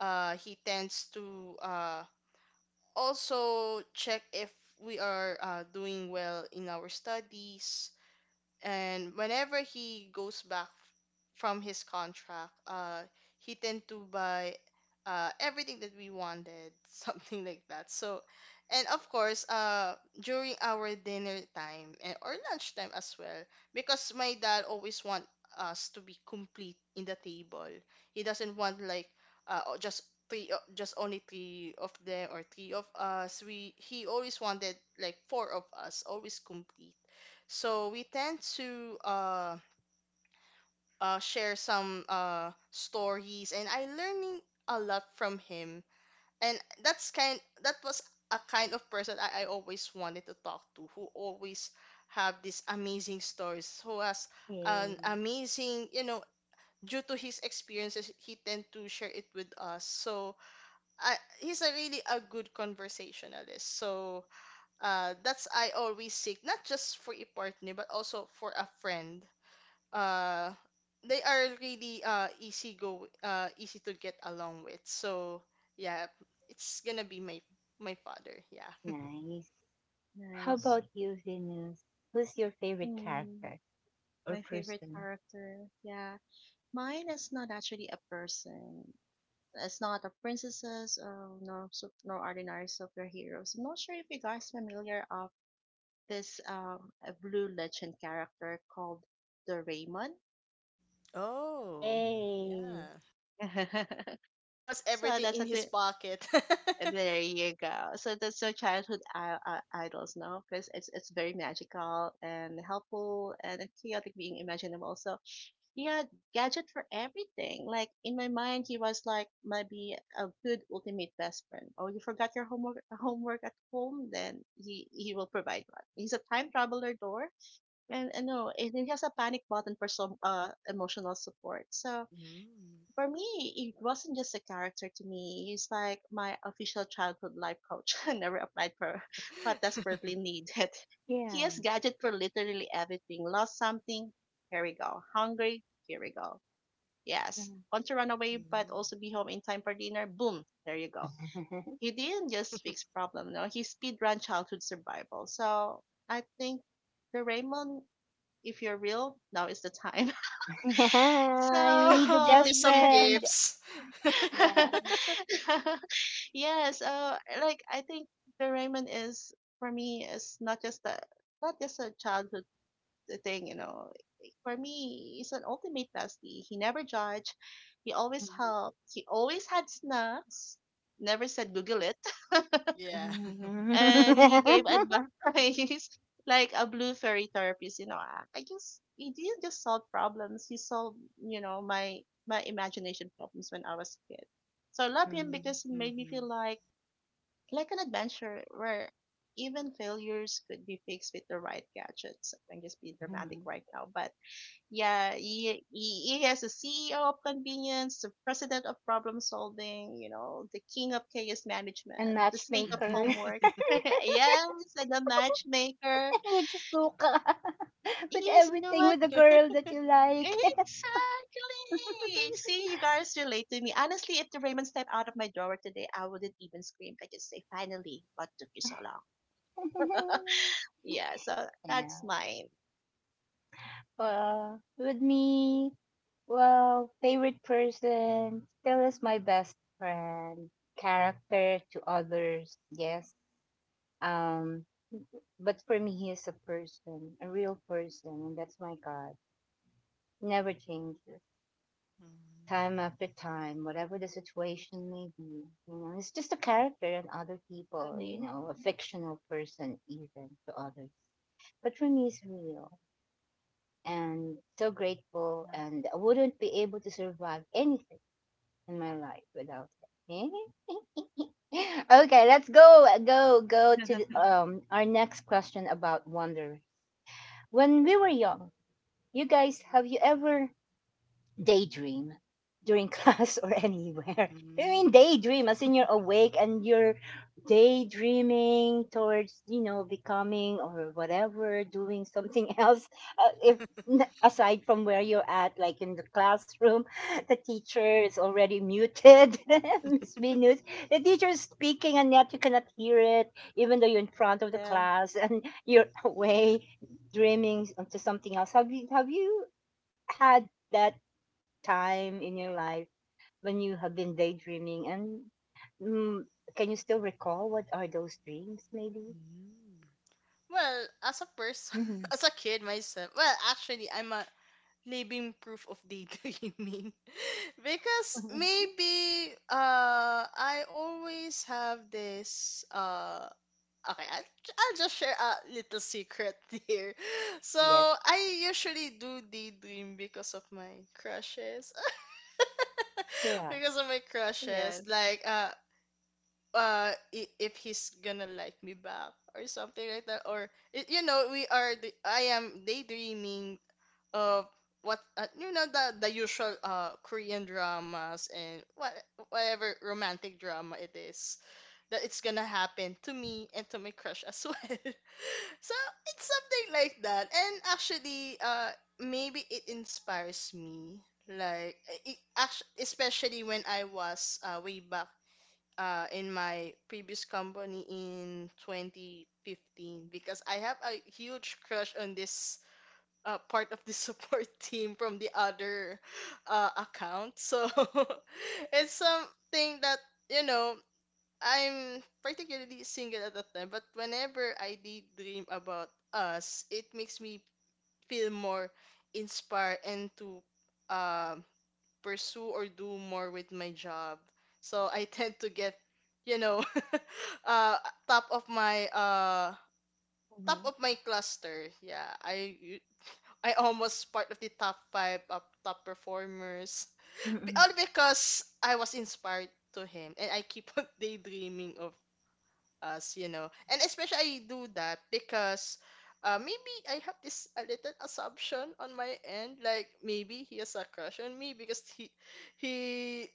He tends to also check if we are doing well in our studies. And whenever he goes back from his contract, he tend to buy everything that we wanted, [LAUGHS] something like that. So and of course, during our dinner time and or lunch time as well, because my dad always want us to be complete in the table. He doesn't want like uh o- just just only three of them, or three of us. We He always wanted like four of us, always complete. So we tend to share some stories, and I learning a lot from him. And that was a kind of person I always wanted to talk to, who always have these amazing stories, who has an
Yay.
amazing, you know, due to his experiences, he tend to share it with us. So he's a really a good conversationalist. So that's I always seek, not just for a partner, but also for a friend. uh they are really easy to get along with. So yeah, it's gonna be my my father, yeah. [LAUGHS]
Nice. How
Nice.
about you, Venus? Who's your favorite
Um,
character or
my favorite
person?
character. Yeah. Mine is not actually a person. It's not a princesses. No no ordinary superheroes. I'm not sure if you guys familiar of this a blue legend character called the Raymond.
Oh,
Yay.
yeah.
[LAUGHS]
Who has
So
everything
that's
in
a
his pocket. [LAUGHS]
There you go. So that's your childhood idols, no? Because it's very magical and helpful and a chaotic being imaginable. So he had gadget for everything. Like, in my mind, he was like maybe a good ultimate best friend. Oh, you forgot your homework [LAUGHS] homework at home? Then he will provide one. He's a time traveler door, and no, and he has a panic button for some emotional support. So
Mm.
for me, it wasn't just a character to me. It's like my official childhood life coach. [LAUGHS] I never applied for, but desperately needed. [LAUGHS] He
Yeah.
has gadget for literally everything. Lost something? Here we go. Hungry? Here we go.
Yeah.
Yes.
[LAUGHS]
Want to run away but
Mm.
also be home in time for dinner? Boom. There you go. He didn't just fix problem. No, he speed run childhood survival. So I think the Raymond, if you're real, now is the time. [LAUGHS]
Yeah, we need a
Give
So
me
best
[LAUGHS]
some
yes,
friend.
gifts.
Yeah.
[LAUGHS]
[LAUGHS] yes like I think Doraemon is for me is not just a childhood thing. For me, he's an ultimate bestie. He never judged. He always helped. He always had snacks. Never said Google it. [LAUGHS]
Yeah.
And he gave advice [LAUGHS] like a blue fairy therapist. I just He didn't just solve problems. He solved my imagination problems when I was a kid. So I love him because he
[LAUGHS]
made me feel
Mhm.
like an adventure where even failures could be fixed with the right gadgets. I'm just being dramatic right now, but yeah, he has a CEO of convenience, the president of problem solving, the king of chaos
And
management, the state of
matchmaker,
Mhm.
homework. [LAUGHS] Yes, and the matchmaker.
[LAUGHS] which is Luca, [LAUGHS] with
Yes, you know
everything
what?
with the girl
[LAUGHS]
that you like.
Exactly.
[LAUGHS]
See, you guys relate to me. Honestly, if the Raymond stepped out of my drawer today, I wouldn't even scream. I just say finally, what took you so long? Yeah, so that's
Yeah.
mine.
Well, with me, well, favorite person still is my best friend. Character to others, yes. Um, but for me, he is a person, a real person, and that's my God. He never changes. Time
Mm.
after time, whatever the situation may be, you know, it's just a character and other people, you
Hmm.
know, a fictional person even to others. But for me, it's real, and so grateful, and I wouldn't be able to survive anything in my life without him. [LAUGHS] Okay, let's go, go, go to
Yeah.
the,
[LAUGHS]
um, our next question about wonder. When we were young, you guys, have you ever daydream during class [LAUGHS] or anywhere. I mean,
Mm.
daydream as in you're awake and you're daydreaming towards, you know, becoming or whatever, doing something [LAUGHS] else. If aside from where you're at, like in the classroom, [LAUGHS] the teacher is already muted. [LAUGHS] Miss Venus, the teacher is speaking and yet you cannot hear it, even though you're in front of the
Yeah.
class [LAUGHS] and you're
Yeah.
away dreaming onto something else. Have you had that time in your life when you have been daydreaming and mm, can you still recall what are those dreams maybe?
Mm. Well, as a person,
Hmm,
[LAUGHS] as a kid myself, well, actually, I'm a living proof of daydreaming, [LAUGHS] because
[LAUGHS]
maybe I always have this. Okay, I'll, I'll just share a little secret [LAUGHS] here. So
yes,
I usually do daydream because of my crushes. [LAUGHS]
yeah.
Because of my crushes.
Yes.
Like I- if he's gonna like me back or something like that. Or you know, we are I am daydreaming of what, you know, the usual Korean dramas, and what whatever romantic drama it is, that it's gonna happen to me and to my crush as well. [LAUGHS] So it's something like that. And actually, maybe it inspires me. Like it actually, especially when I was way back in my previous company in 2015, because I have a huge crush on this part of the support [LAUGHS] team from the other account. So [LAUGHS] it's something that, you know, I'm particularly single at the time, but whenever I daydream about us, it makes me feel more inspired, and to um pursue or do more with my job. So I [LAUGHS] tend to get, you know, [LAUGHS] uh, top of my uh top
Hmm.
of my cluster. Yeah, I almost part of the top five of top performers.
Mm-mm.
All because I was inspired to him, and I keep on [LAUGHS] daydreaming of us, you know. And especially I do that because maybe I have this a little assumption on my end, like maybe he has a crush on me, because he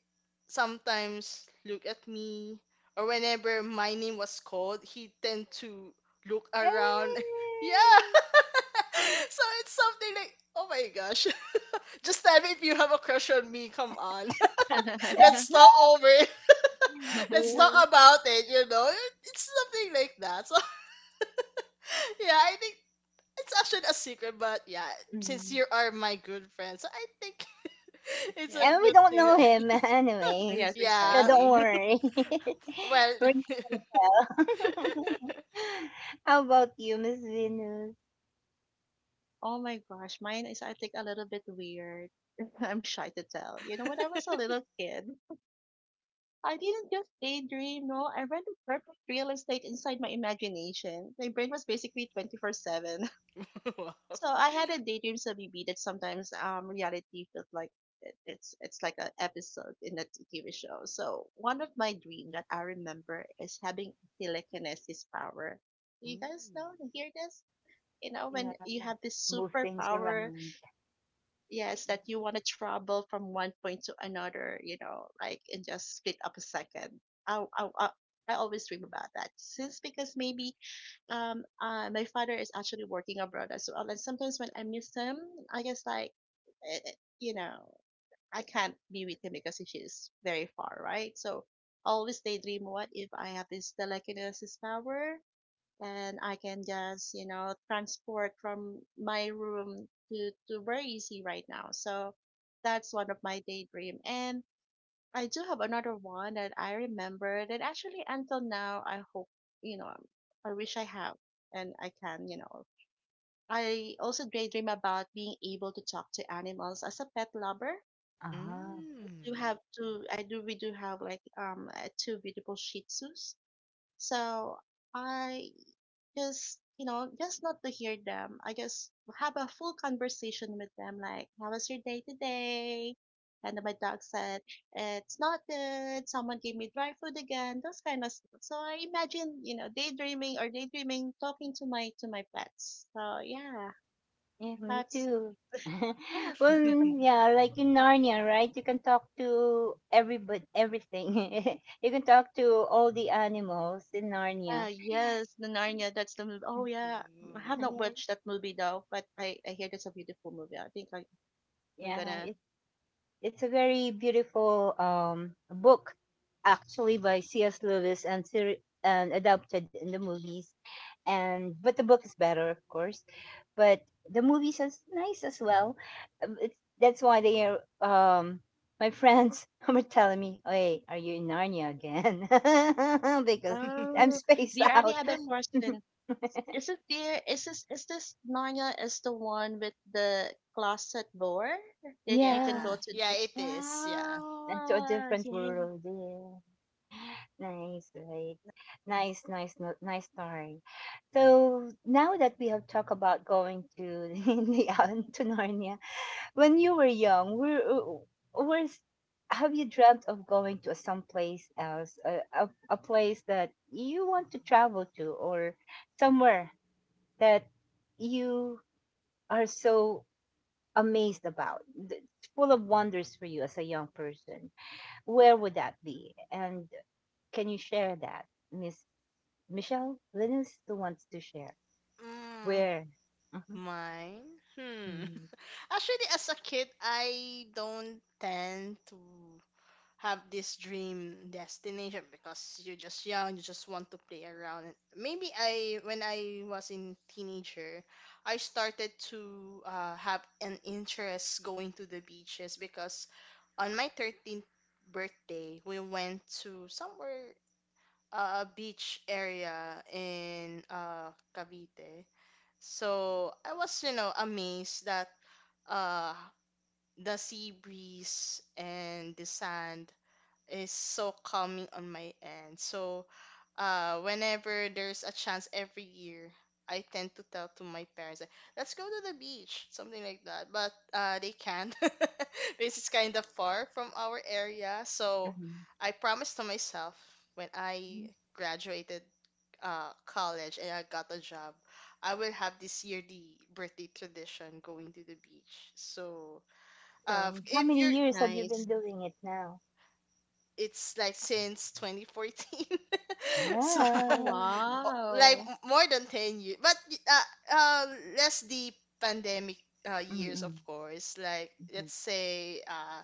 sometimes look at me, or whenever my name was called, he tend to look around. [LAUGHS] Yeah,
Eh,
[LAUGHS] so it's something like, oh my gosh, [LAUGHS] just tell me if you have a crush on me. Come on, [LAUGHS] let's
[LAUGHS]
talk over it. [LAUGHS] Let's talk
eh,
about it. You know, it's something like that. So [LAUGHS] yeah, I think it's actually a secret, but yeah, since
mm.
you are my good friend, so I think [LAUGHS] it's a
Yeah.
And we
good
don't
thing.
know
That—
him [LAUGHS]
Yes,
anyways, so
yeah.
don't
exactly. [LAUGHS]
worry, [LAUGHS]
Well.
we're not gonna tell. [LAUGHS] How about you, Miss Venus?
Oh my gosh, mine is, I think, a little bit weird. [LAUGHS] I'm shy to tell. You know, when I was a little kid, I didn't just daydream, no. I ran the perfect real estate inside my imagination. My brain was basically 24/7. [LAUGHS]
[LAUGHS] Wow.
So I had a daydream Sabibi that sometimes reality felt like it's like an episode in a TV show. So one of my dream that I remember is having telekinesis power. Do you guys
Ooh.
know? Hear this? You know, when
Yeah,
you have this
move things
superpower,
around.
yes, that you want to travel from one point to another, like in just split up a second. I i, I I always dream about that since because maybe my father is actually working abroad as well. And sometimes when I miss him I guess like eh, eh, you know I can't be with him because he's very far, right? So always daydream what if I have this telekinesis power and I can just, transport from my room to, very easy right now. So that's one of my daydream. And I do have another one that I remember that actually until now I hope, you know, I wish I have and I can. I also daydream about being able to talk to animals as a pet lover.
Ah.
Do
Mm.
have two I do we do have like two beautiful Shih Tzus. So I just you know just not to hear them, I just have a full conversation with them like how was your day today. And then my dog said it's not good, someone gave me dry food again, those kind of stuff. So I imagine daydreaming talking to my pets. So yeah,
Yeah, me
that's
too. [LAUGHS] Well,
[LAUGHS]
[LAUGHS]
yeah, like in Narnia, right? You can talk to everybody, everything. [LAUGHS] You can talk to all the animals in Narnia.
yes, the Narnia, that's the movie. Oh
[LAUGHS] Oh,
yeah, I
Ooh.
have not watched that movie though, but I hear that's a beautiful movie. I think I, i'm
yeah, yeah,
gonna
it's a very beautiful book, actually, by C.S. Lewis and, and adapted in the movies. And but the book is better, of course. But the movies is nice as well. Um, It's, that's why they are. My friends [LAUGHS] were telling me, "Hey, are you in Narnia again?" [LAUGHS] Because I'm
[LAUGHS]
Oh. Do
spaced
you already
out.
have a
[LAUGHS]
question? Is it there? Is this Narnia is the one with the closet door that you can
Yeah,
Yeah,
go to?
yeah, it is. Yeah.
into a
Yeah,
different
yay!
world. Yeah. Nice, right? Nice, nice, nice story. So now that we have talked about going to [LAUGHS] the island to Narnia, when you were young, was have you dreamt of going to someplace else, a place that you want to travel to, or somewhere that you are so amazed about? It's full of wonders for you as a young person? Where would that be, and can you share that, Miss Michelle? Linus who wants to share.
Mm,
Where? Mhm,
mine? Hmm.
mhm,
[LAUGHS] Actually, as a kid, I don't tend to have this dream destination, because you're just young, you just want to play around. And maybe I, when I was in teenager, I started to have an interest going to the beaches, because on my 13th birthday, we went to somewhere a beach area in Cavite. So I was, you know, amazed that uh, the sea breeze and the sand is so calming on my end. So, whenever there's a chance every year, I tend to tell to my parents, like, let's go to the beach, something like that. But they can't, [LAUGHS] because it's kind of far from our area. So,
mhm.
I promised to myself, when I
Mhm.
graduated college and I got a job, I will have this yearly birthday tradition going to the beach. So,
So,
if
how
you're
many years have you
Nice.
been doing it now?
it's like since 2014, [LAUGHS] so
Oh
Yeah.
[LAUGHS] like
wow.
more than 10 years, but uh, uh less the pandemic years, of
Mm-mm,
course. Like let's
mhm,
say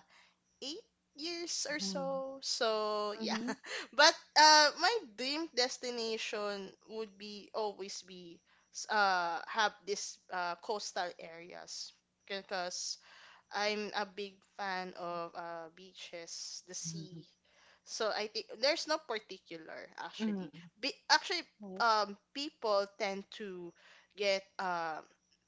8 years or
mhm,
so. So yeah, [LAUGHS]
Mhm.
but my dream destination would be always be have this coastal areas, because I'm a big fan of beaches, the sea.
mhm,
So I think there's no particular, actually.
mm,
Actually,
Nice.
people tend to get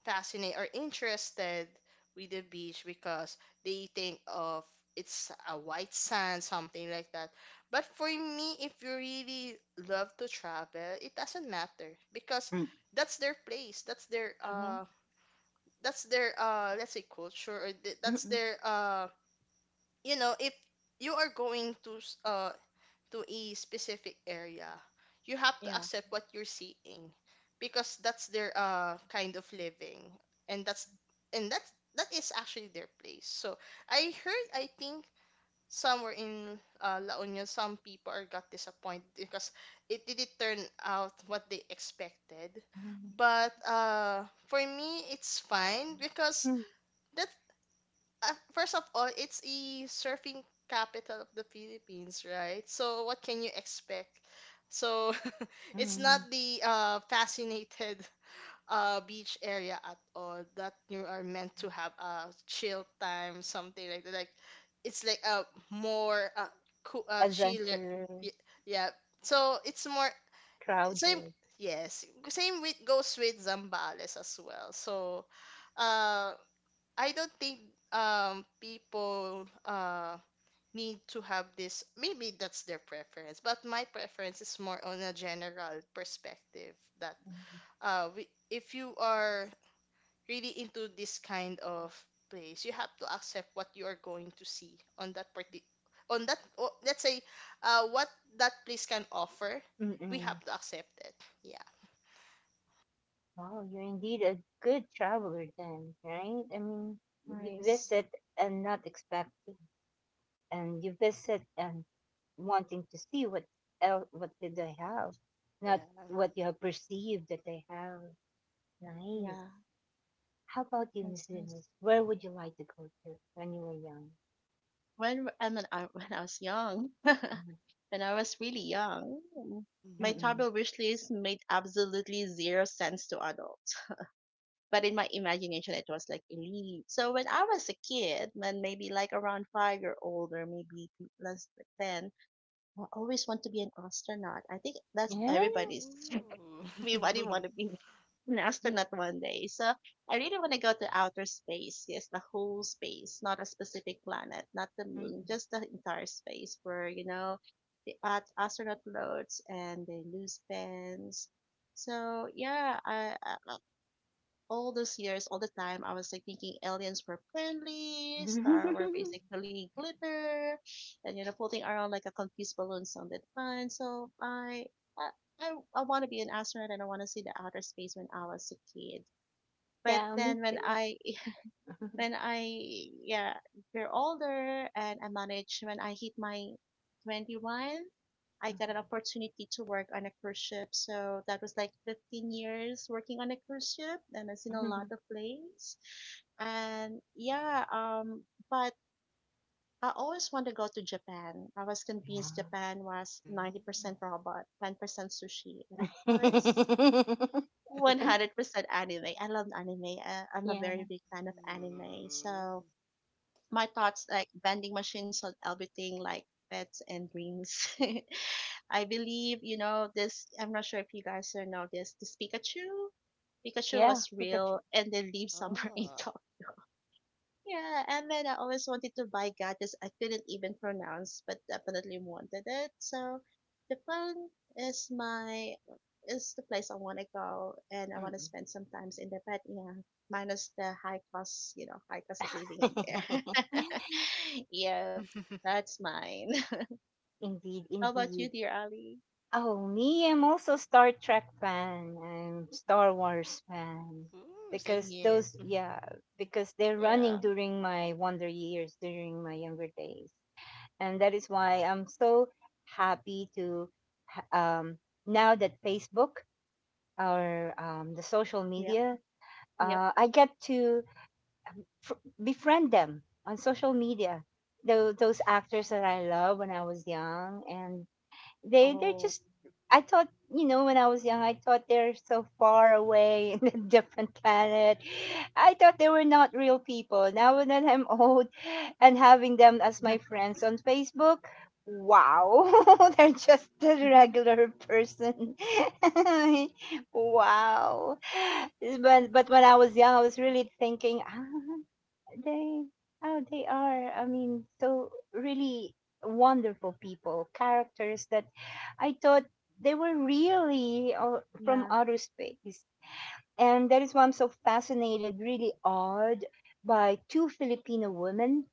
fascinated or interested with the beach, because they think of it's a white sand, something like that. But for me, if you really love to travel, it doesn't matter, because
mm,
that's their place.
Mhm.
That's their let's say culture, or that's
mm,
their you know, if you are going to to a specific area, you have to
Yeah.
accept what you're seeing, because that's their kind of living, and that's and that's that is actually their place. So I heard, I think, somewhere in La Union some people are got disappointed, because it didn't turn out what they expected.
mm,
But for me it's fine, because
mm,
that first of all, it's a surfing capital of the Philippines, right? So what can you expect? So [LAUGHS] it's not
mm.
the fascinated beach area at all, that you are meant to have a chill time, something like that. Like it's like a more cool, chiller. Yeah,
Adventurous,
yeah. So it's more same.
crowded.
Yes, same with goes with Zambales as well. So uh I don't think people need to have this. Maybe that's their preference, but my preference is more on a general perspective that
Mhm,
we, if you are really into this kind of place, you have to accept what you are going to see on that parti on that o let's say what that place can offer, we have
mm-mm.
to accept it. Yeah.
Wow, you're indeed a good traveler then, right? I mean, you
Nice.
visit and not expect. And you visit and wanting to see what what did they have, not
Yeah.
what you have perceived that they have. Nice.
Yeah.
How about you,
Nice.
Miss
Nice.
Venus? Where would you like to go to when you were young?
When I mean, I, [LAUGHS] when I was young,
Mhm.
[LAUGHS] when I was really young, my
Mm-mm.
Mm.
travel wish list made absolutely zero sense to adults. But in my imagination it was like a leaf. So when I was a kid, when maybe like around 5-year old or maybe less than 10, I always want to be an astronaut. I think that's
Yeah.
everybody's. [LAUGHS]
Ooh.
Everybody want to
[LAUGHS]
be an astronaut one day. So I really want to go to outer space. Yes, the whole space, not a specific planet, not the
Mm-mm.
moon, just the entire space where, you know, the astronaut floats and they lose fans. So yeah, I all those years, all the time, I was like thinking aliens were friendly, star were
[LAUGHS]
basically glitter, and floating around like a confused balloon sounded fun. So I I, I want to be an astronaut and I want to see the outer space when I was a kid. But
Yeah, me
then
too. [LAUGHS]
when I yeah, they older and I managed when I hit my 21. I got an opportunity to work on a cruise ship. So that was like 15 years working on a cruise ship and I've seen a lot of places. And yeah, but I always want to go to Japan. I was convinced
Yeah.
Japan was
Mm.
90% robot, 10% sushi, and of course,
[LAUGHS]
100% anime. I love anime. I'm a very
Yeah.
big fan of anime.
Mm.
So my thoughts like vending machines on everything like pets and dreams. [LAUGHS] I believe, you know, this, I'm not sure if you guys are know this, this Pikachu,
Yeah.
was real
Pikachu.
and then leave somewhere [LAUGHS] in
Oh.
talk. Yeah, and then I always wanted to buy gadgets I couldn't even pronounce, but definitely wanted it. So Japan is my is the place I want to go, and I want to
Mm-mm.
spend some time in there. But yeah, minus the high cost of living in there.
[LAUGHS]
[LAUGHS] Yeah,
[LAUGHS]
that's mine.
Indeed,
[LAUGHS] How about you,
indeed.
dear Ali?
Oh, me, I'm also Star Trek fan. I'm Star Wars fan
Ooh, same
because
here.
those, yeah, because they're running
Yeah,
during my wonder years, during my younger days, and that is why I'm so happy to ha- um, now that Facebook or the social
yep,
media,
yep.
I get to fr- befriend them on social media. Those actors that I love when I was young, and they're
Oh.
just I thought, you know, when I was young I thought they're so far away [LAUGHS] in a different planet. I thought they were not real people. Now that I'm old and having them as my friends on Facebook, wow, [LAUGHS] they're just a
[LAUGHS]
regular person. [LAUGHS] Wow. But when I was young I was really thinking, ah, they, oh, they are. I mean, so really wonderful people, characters that I thought they were really from
Yeah.
outer space. And that is why I'm so fascinated, really awed by two Filipino women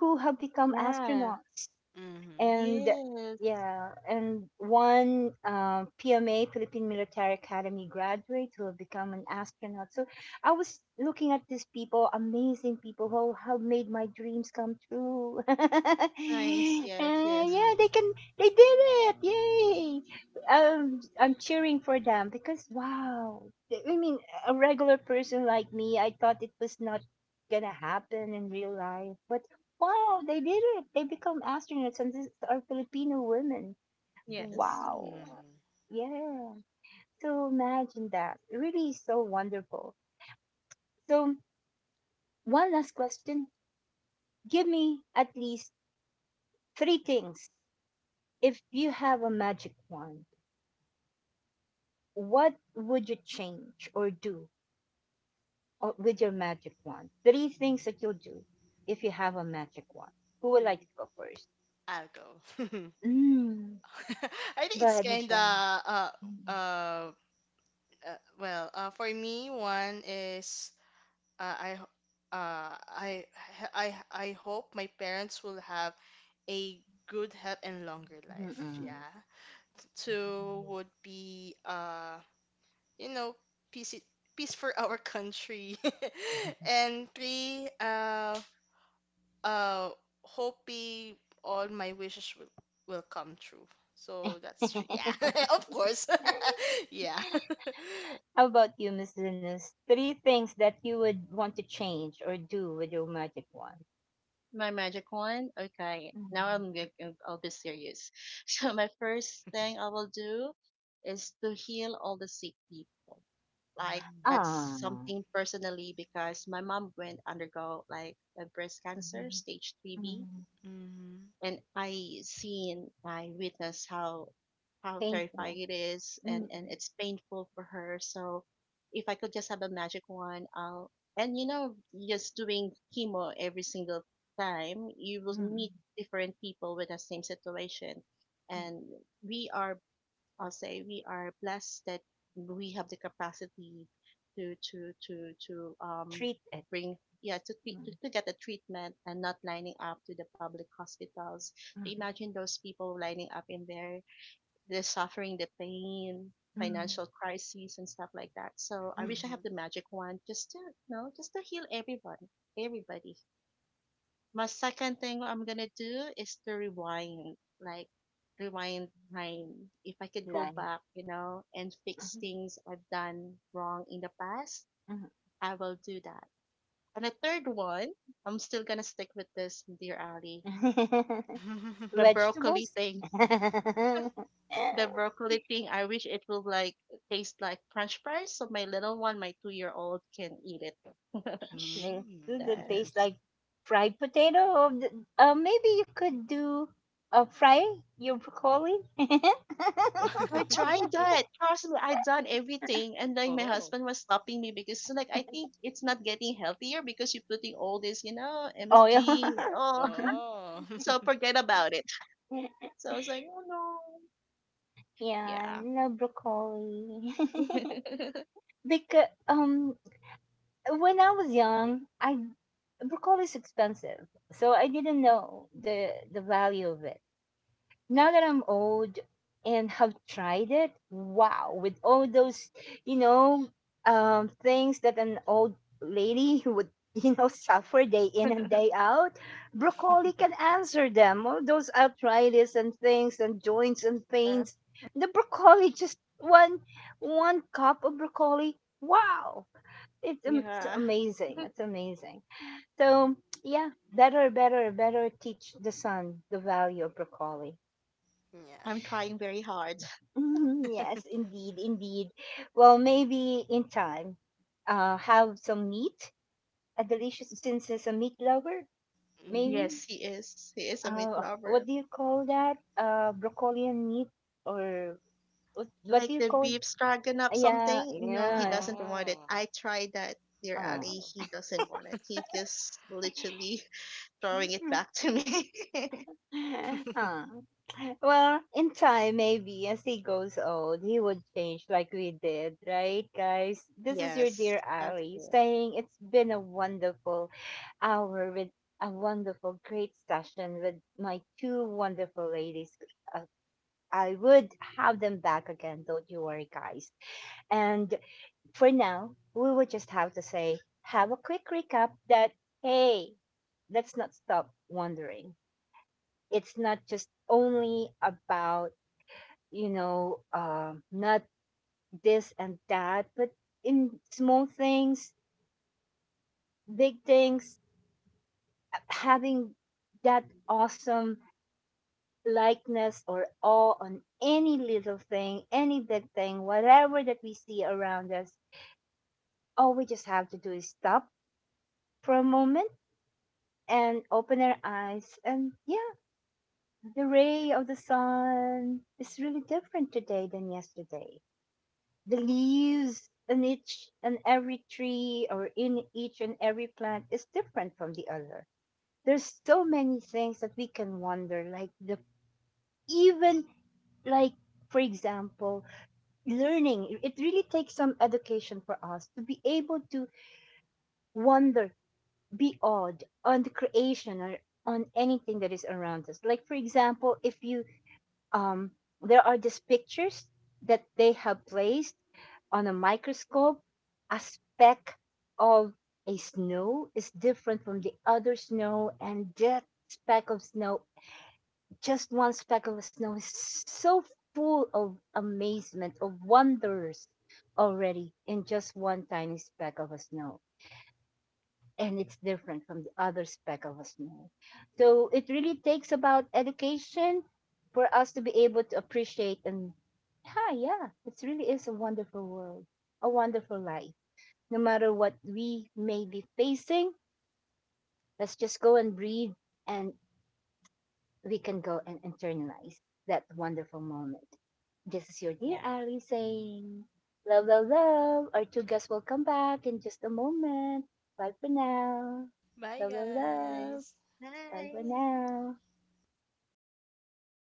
who have become
Yeah.
astronauts
Mm-hmm.
and
Yes.
yeah, and one PMA, Philippine Military Academy graduate who have become an astronaut. So I was looking at these people, amazing people who have made my dreams come true. [LAUGHS] And yeah,
Nice. Yes. Yes.
Mm.
they can, they did it! Yay! I'm cheering for them because wow, I mean, a regular person like me, I thought it was not gonna happen in real life, but wow, they did it. They become astronauts and these are Filipino women.
Yes.
Wow.
Mhm.
Yeah. So imagine that. Really so wonderful. So one last question. Give me at least three things. If you have a magic wand, what would you change or do with your magic wand? Three things that you'll do if you have a magic wand. Who would like
Mm.
to go first?
I'll go. [LAUGHS]
Mm.
[LAUGHS] I think
Go
it's
ahead,
kind of
Michelle.
uh
Mm-mm.
uh well for me one is I ho- I I hope my parents will have a good health and longer life.
Mm-mm.
Yeah. Two
Yes.
would be you know, peace i- peace for our country. [LAUGHS]
[LAUGHS]
And three, uh, hoping all my wishes will come true. So that's true. Yeah, [LAUGHS] of course. [LAUGHS] Yeah. [LAUGHS]
How about you, Miss Venus? Three things that you would want to change or do with your magic wand.
My magic one. Okay. Now
Mm,
I'll be serious. [LAUGHS] So my first thing I will do is to heal all the sick people. Like that's
ah,
something personally because my mom went undergo like a breast cancer
mhm,
stage 3B
mhm,
Mhm.
and I witnessed how
paint it,
terrifying it is,
mm,
and
mm,
it's painful for her. So if I could just have a magic wand, I'll and just doing chemo every single time, you will meet
mm,
different people with the same situation,
mm,
and we are I'll say we are blessed that we have the capacity to
treat it,
bring yeah
mm,
to get the treatment and not lining up to the public hospitals.
mhm,
Imagine those people lining up in there, they're suffering the pain,
mm,
financial crises and stuff like that. So I
mm,
wish I have the magic wand just to just to heal everyone, everybody. My second thing I'm gonna do is to rewind, like rewind time. If I could go
like,
back, you know, and fix
mhm,
things I've done wrong in the past,
mhm.
I will do that. And the third one, I'm still gonna stick with this, dear Ali.
[LAUGHS]
Mm-hmm.
The
[LAUGHS]
broccoli
Vegetables.
thing.
[LAUGHS]
The broccoli thing. I wish it will like taste like French fries, so my little one, my 2-year old, can eat it. [LAUGHS]
They do
Mm.
the
That-
taste like fried potato. Or the, maybe you could do fry your broccoli
I
[LAUGHS]
tried that. Trust me, I done everything. And like my
Oh,
husband was stopping me because so like I think it's not getting healthier because you're putting all this, you know,
oil.
MSG.
[LAUGHS]
Oh, [LAUGHS]
oh,
so
[LAUGHS]
forget about it. So I was like, oh no.
Yeah, I
Yeah.
love broccoli. [LAUGHS]
[LAUGHS]
Because when I was young, I broccoli is expensive. So I didn't know the value of it now that
yeah,
I'm old and have tried it, wow, with all those, you know, things that an old lady [LAUGHS] would, you know, suffer day in and day out, broccoli can answer them. All those arthritis and things and joints and
Uh,
pains. The broccoli, just one cup of broccoli. Wow, it's
yeah.
amazing. It's amazing. So yeah, better, better, better teach the son the value of broccoli.
yeah.
I'm trying very hard.
Mhm, yes, indeed, indeed. Well, maybe in time, have some meat, a delicious, since as a meat lover,
Mm.
maybe.
Yes, he is. He is a meat
What
lover.
do you call that? Broccoli and meat, or what do
Like
you
the
call?
beef stroganoff
Yeah,
something. No, he
yeah.
doesn't want it.
Oh,
I tried that, dear
Uh.
Ali.
oh.
He doesn't want it. He just literally [LAUGHS] throwing it back to me. [LAUGHS]
[LAUGHS]
[LAUGHS]
uh. Well, in time, maybe as he goes old, he would change like we did, right, guys? This is your dear
Yes, that's
Ali
it.
saying it's been a wonderful hour with a wonderful, great session with my two wonderful ladies. Uh, I would have them back again, don't you worry, guys. And for now, we would just have to say, have a quick recap that, hey, let's not stop wondering. It's not just only about, you know, not this and that, but in small things, big things, having that awesome likeness or awe on any little thing, any big thing, whatever that we see around us, all we just have to do is stop for a moment and open our eyes. And yeah, the ray of the sun is really different today than yesterday. The leaves in each and every tree or in each and every plant is different from the other. There's so many things that we can wonder, like the even like for example learning it really takes some education for us to be able to wonder, be awed on the creation or on anything that is around us, like for example if you um there are these pictures that they have placed on a microscope a speck of a snow is different from the other snow, and that speck of snow, just one speck of snow is so full of amazement, of wonders already in just one tiny speck of snow. And it's different from the other speck of snow. So it really takes about education for us to be able to appreciate and, ah, yeah, it really is a wonderful world, a wonderful life. No matter what we may be facing, let's just go and breathe and we can go and internalize that wonderful moment. This is your dear
Yeah.
Ali saying, love, love, love. Our two guests will come back in just a moment. Bye for now.
Bye,
Love, love, love.
guys.
Bye for
Bye.
now.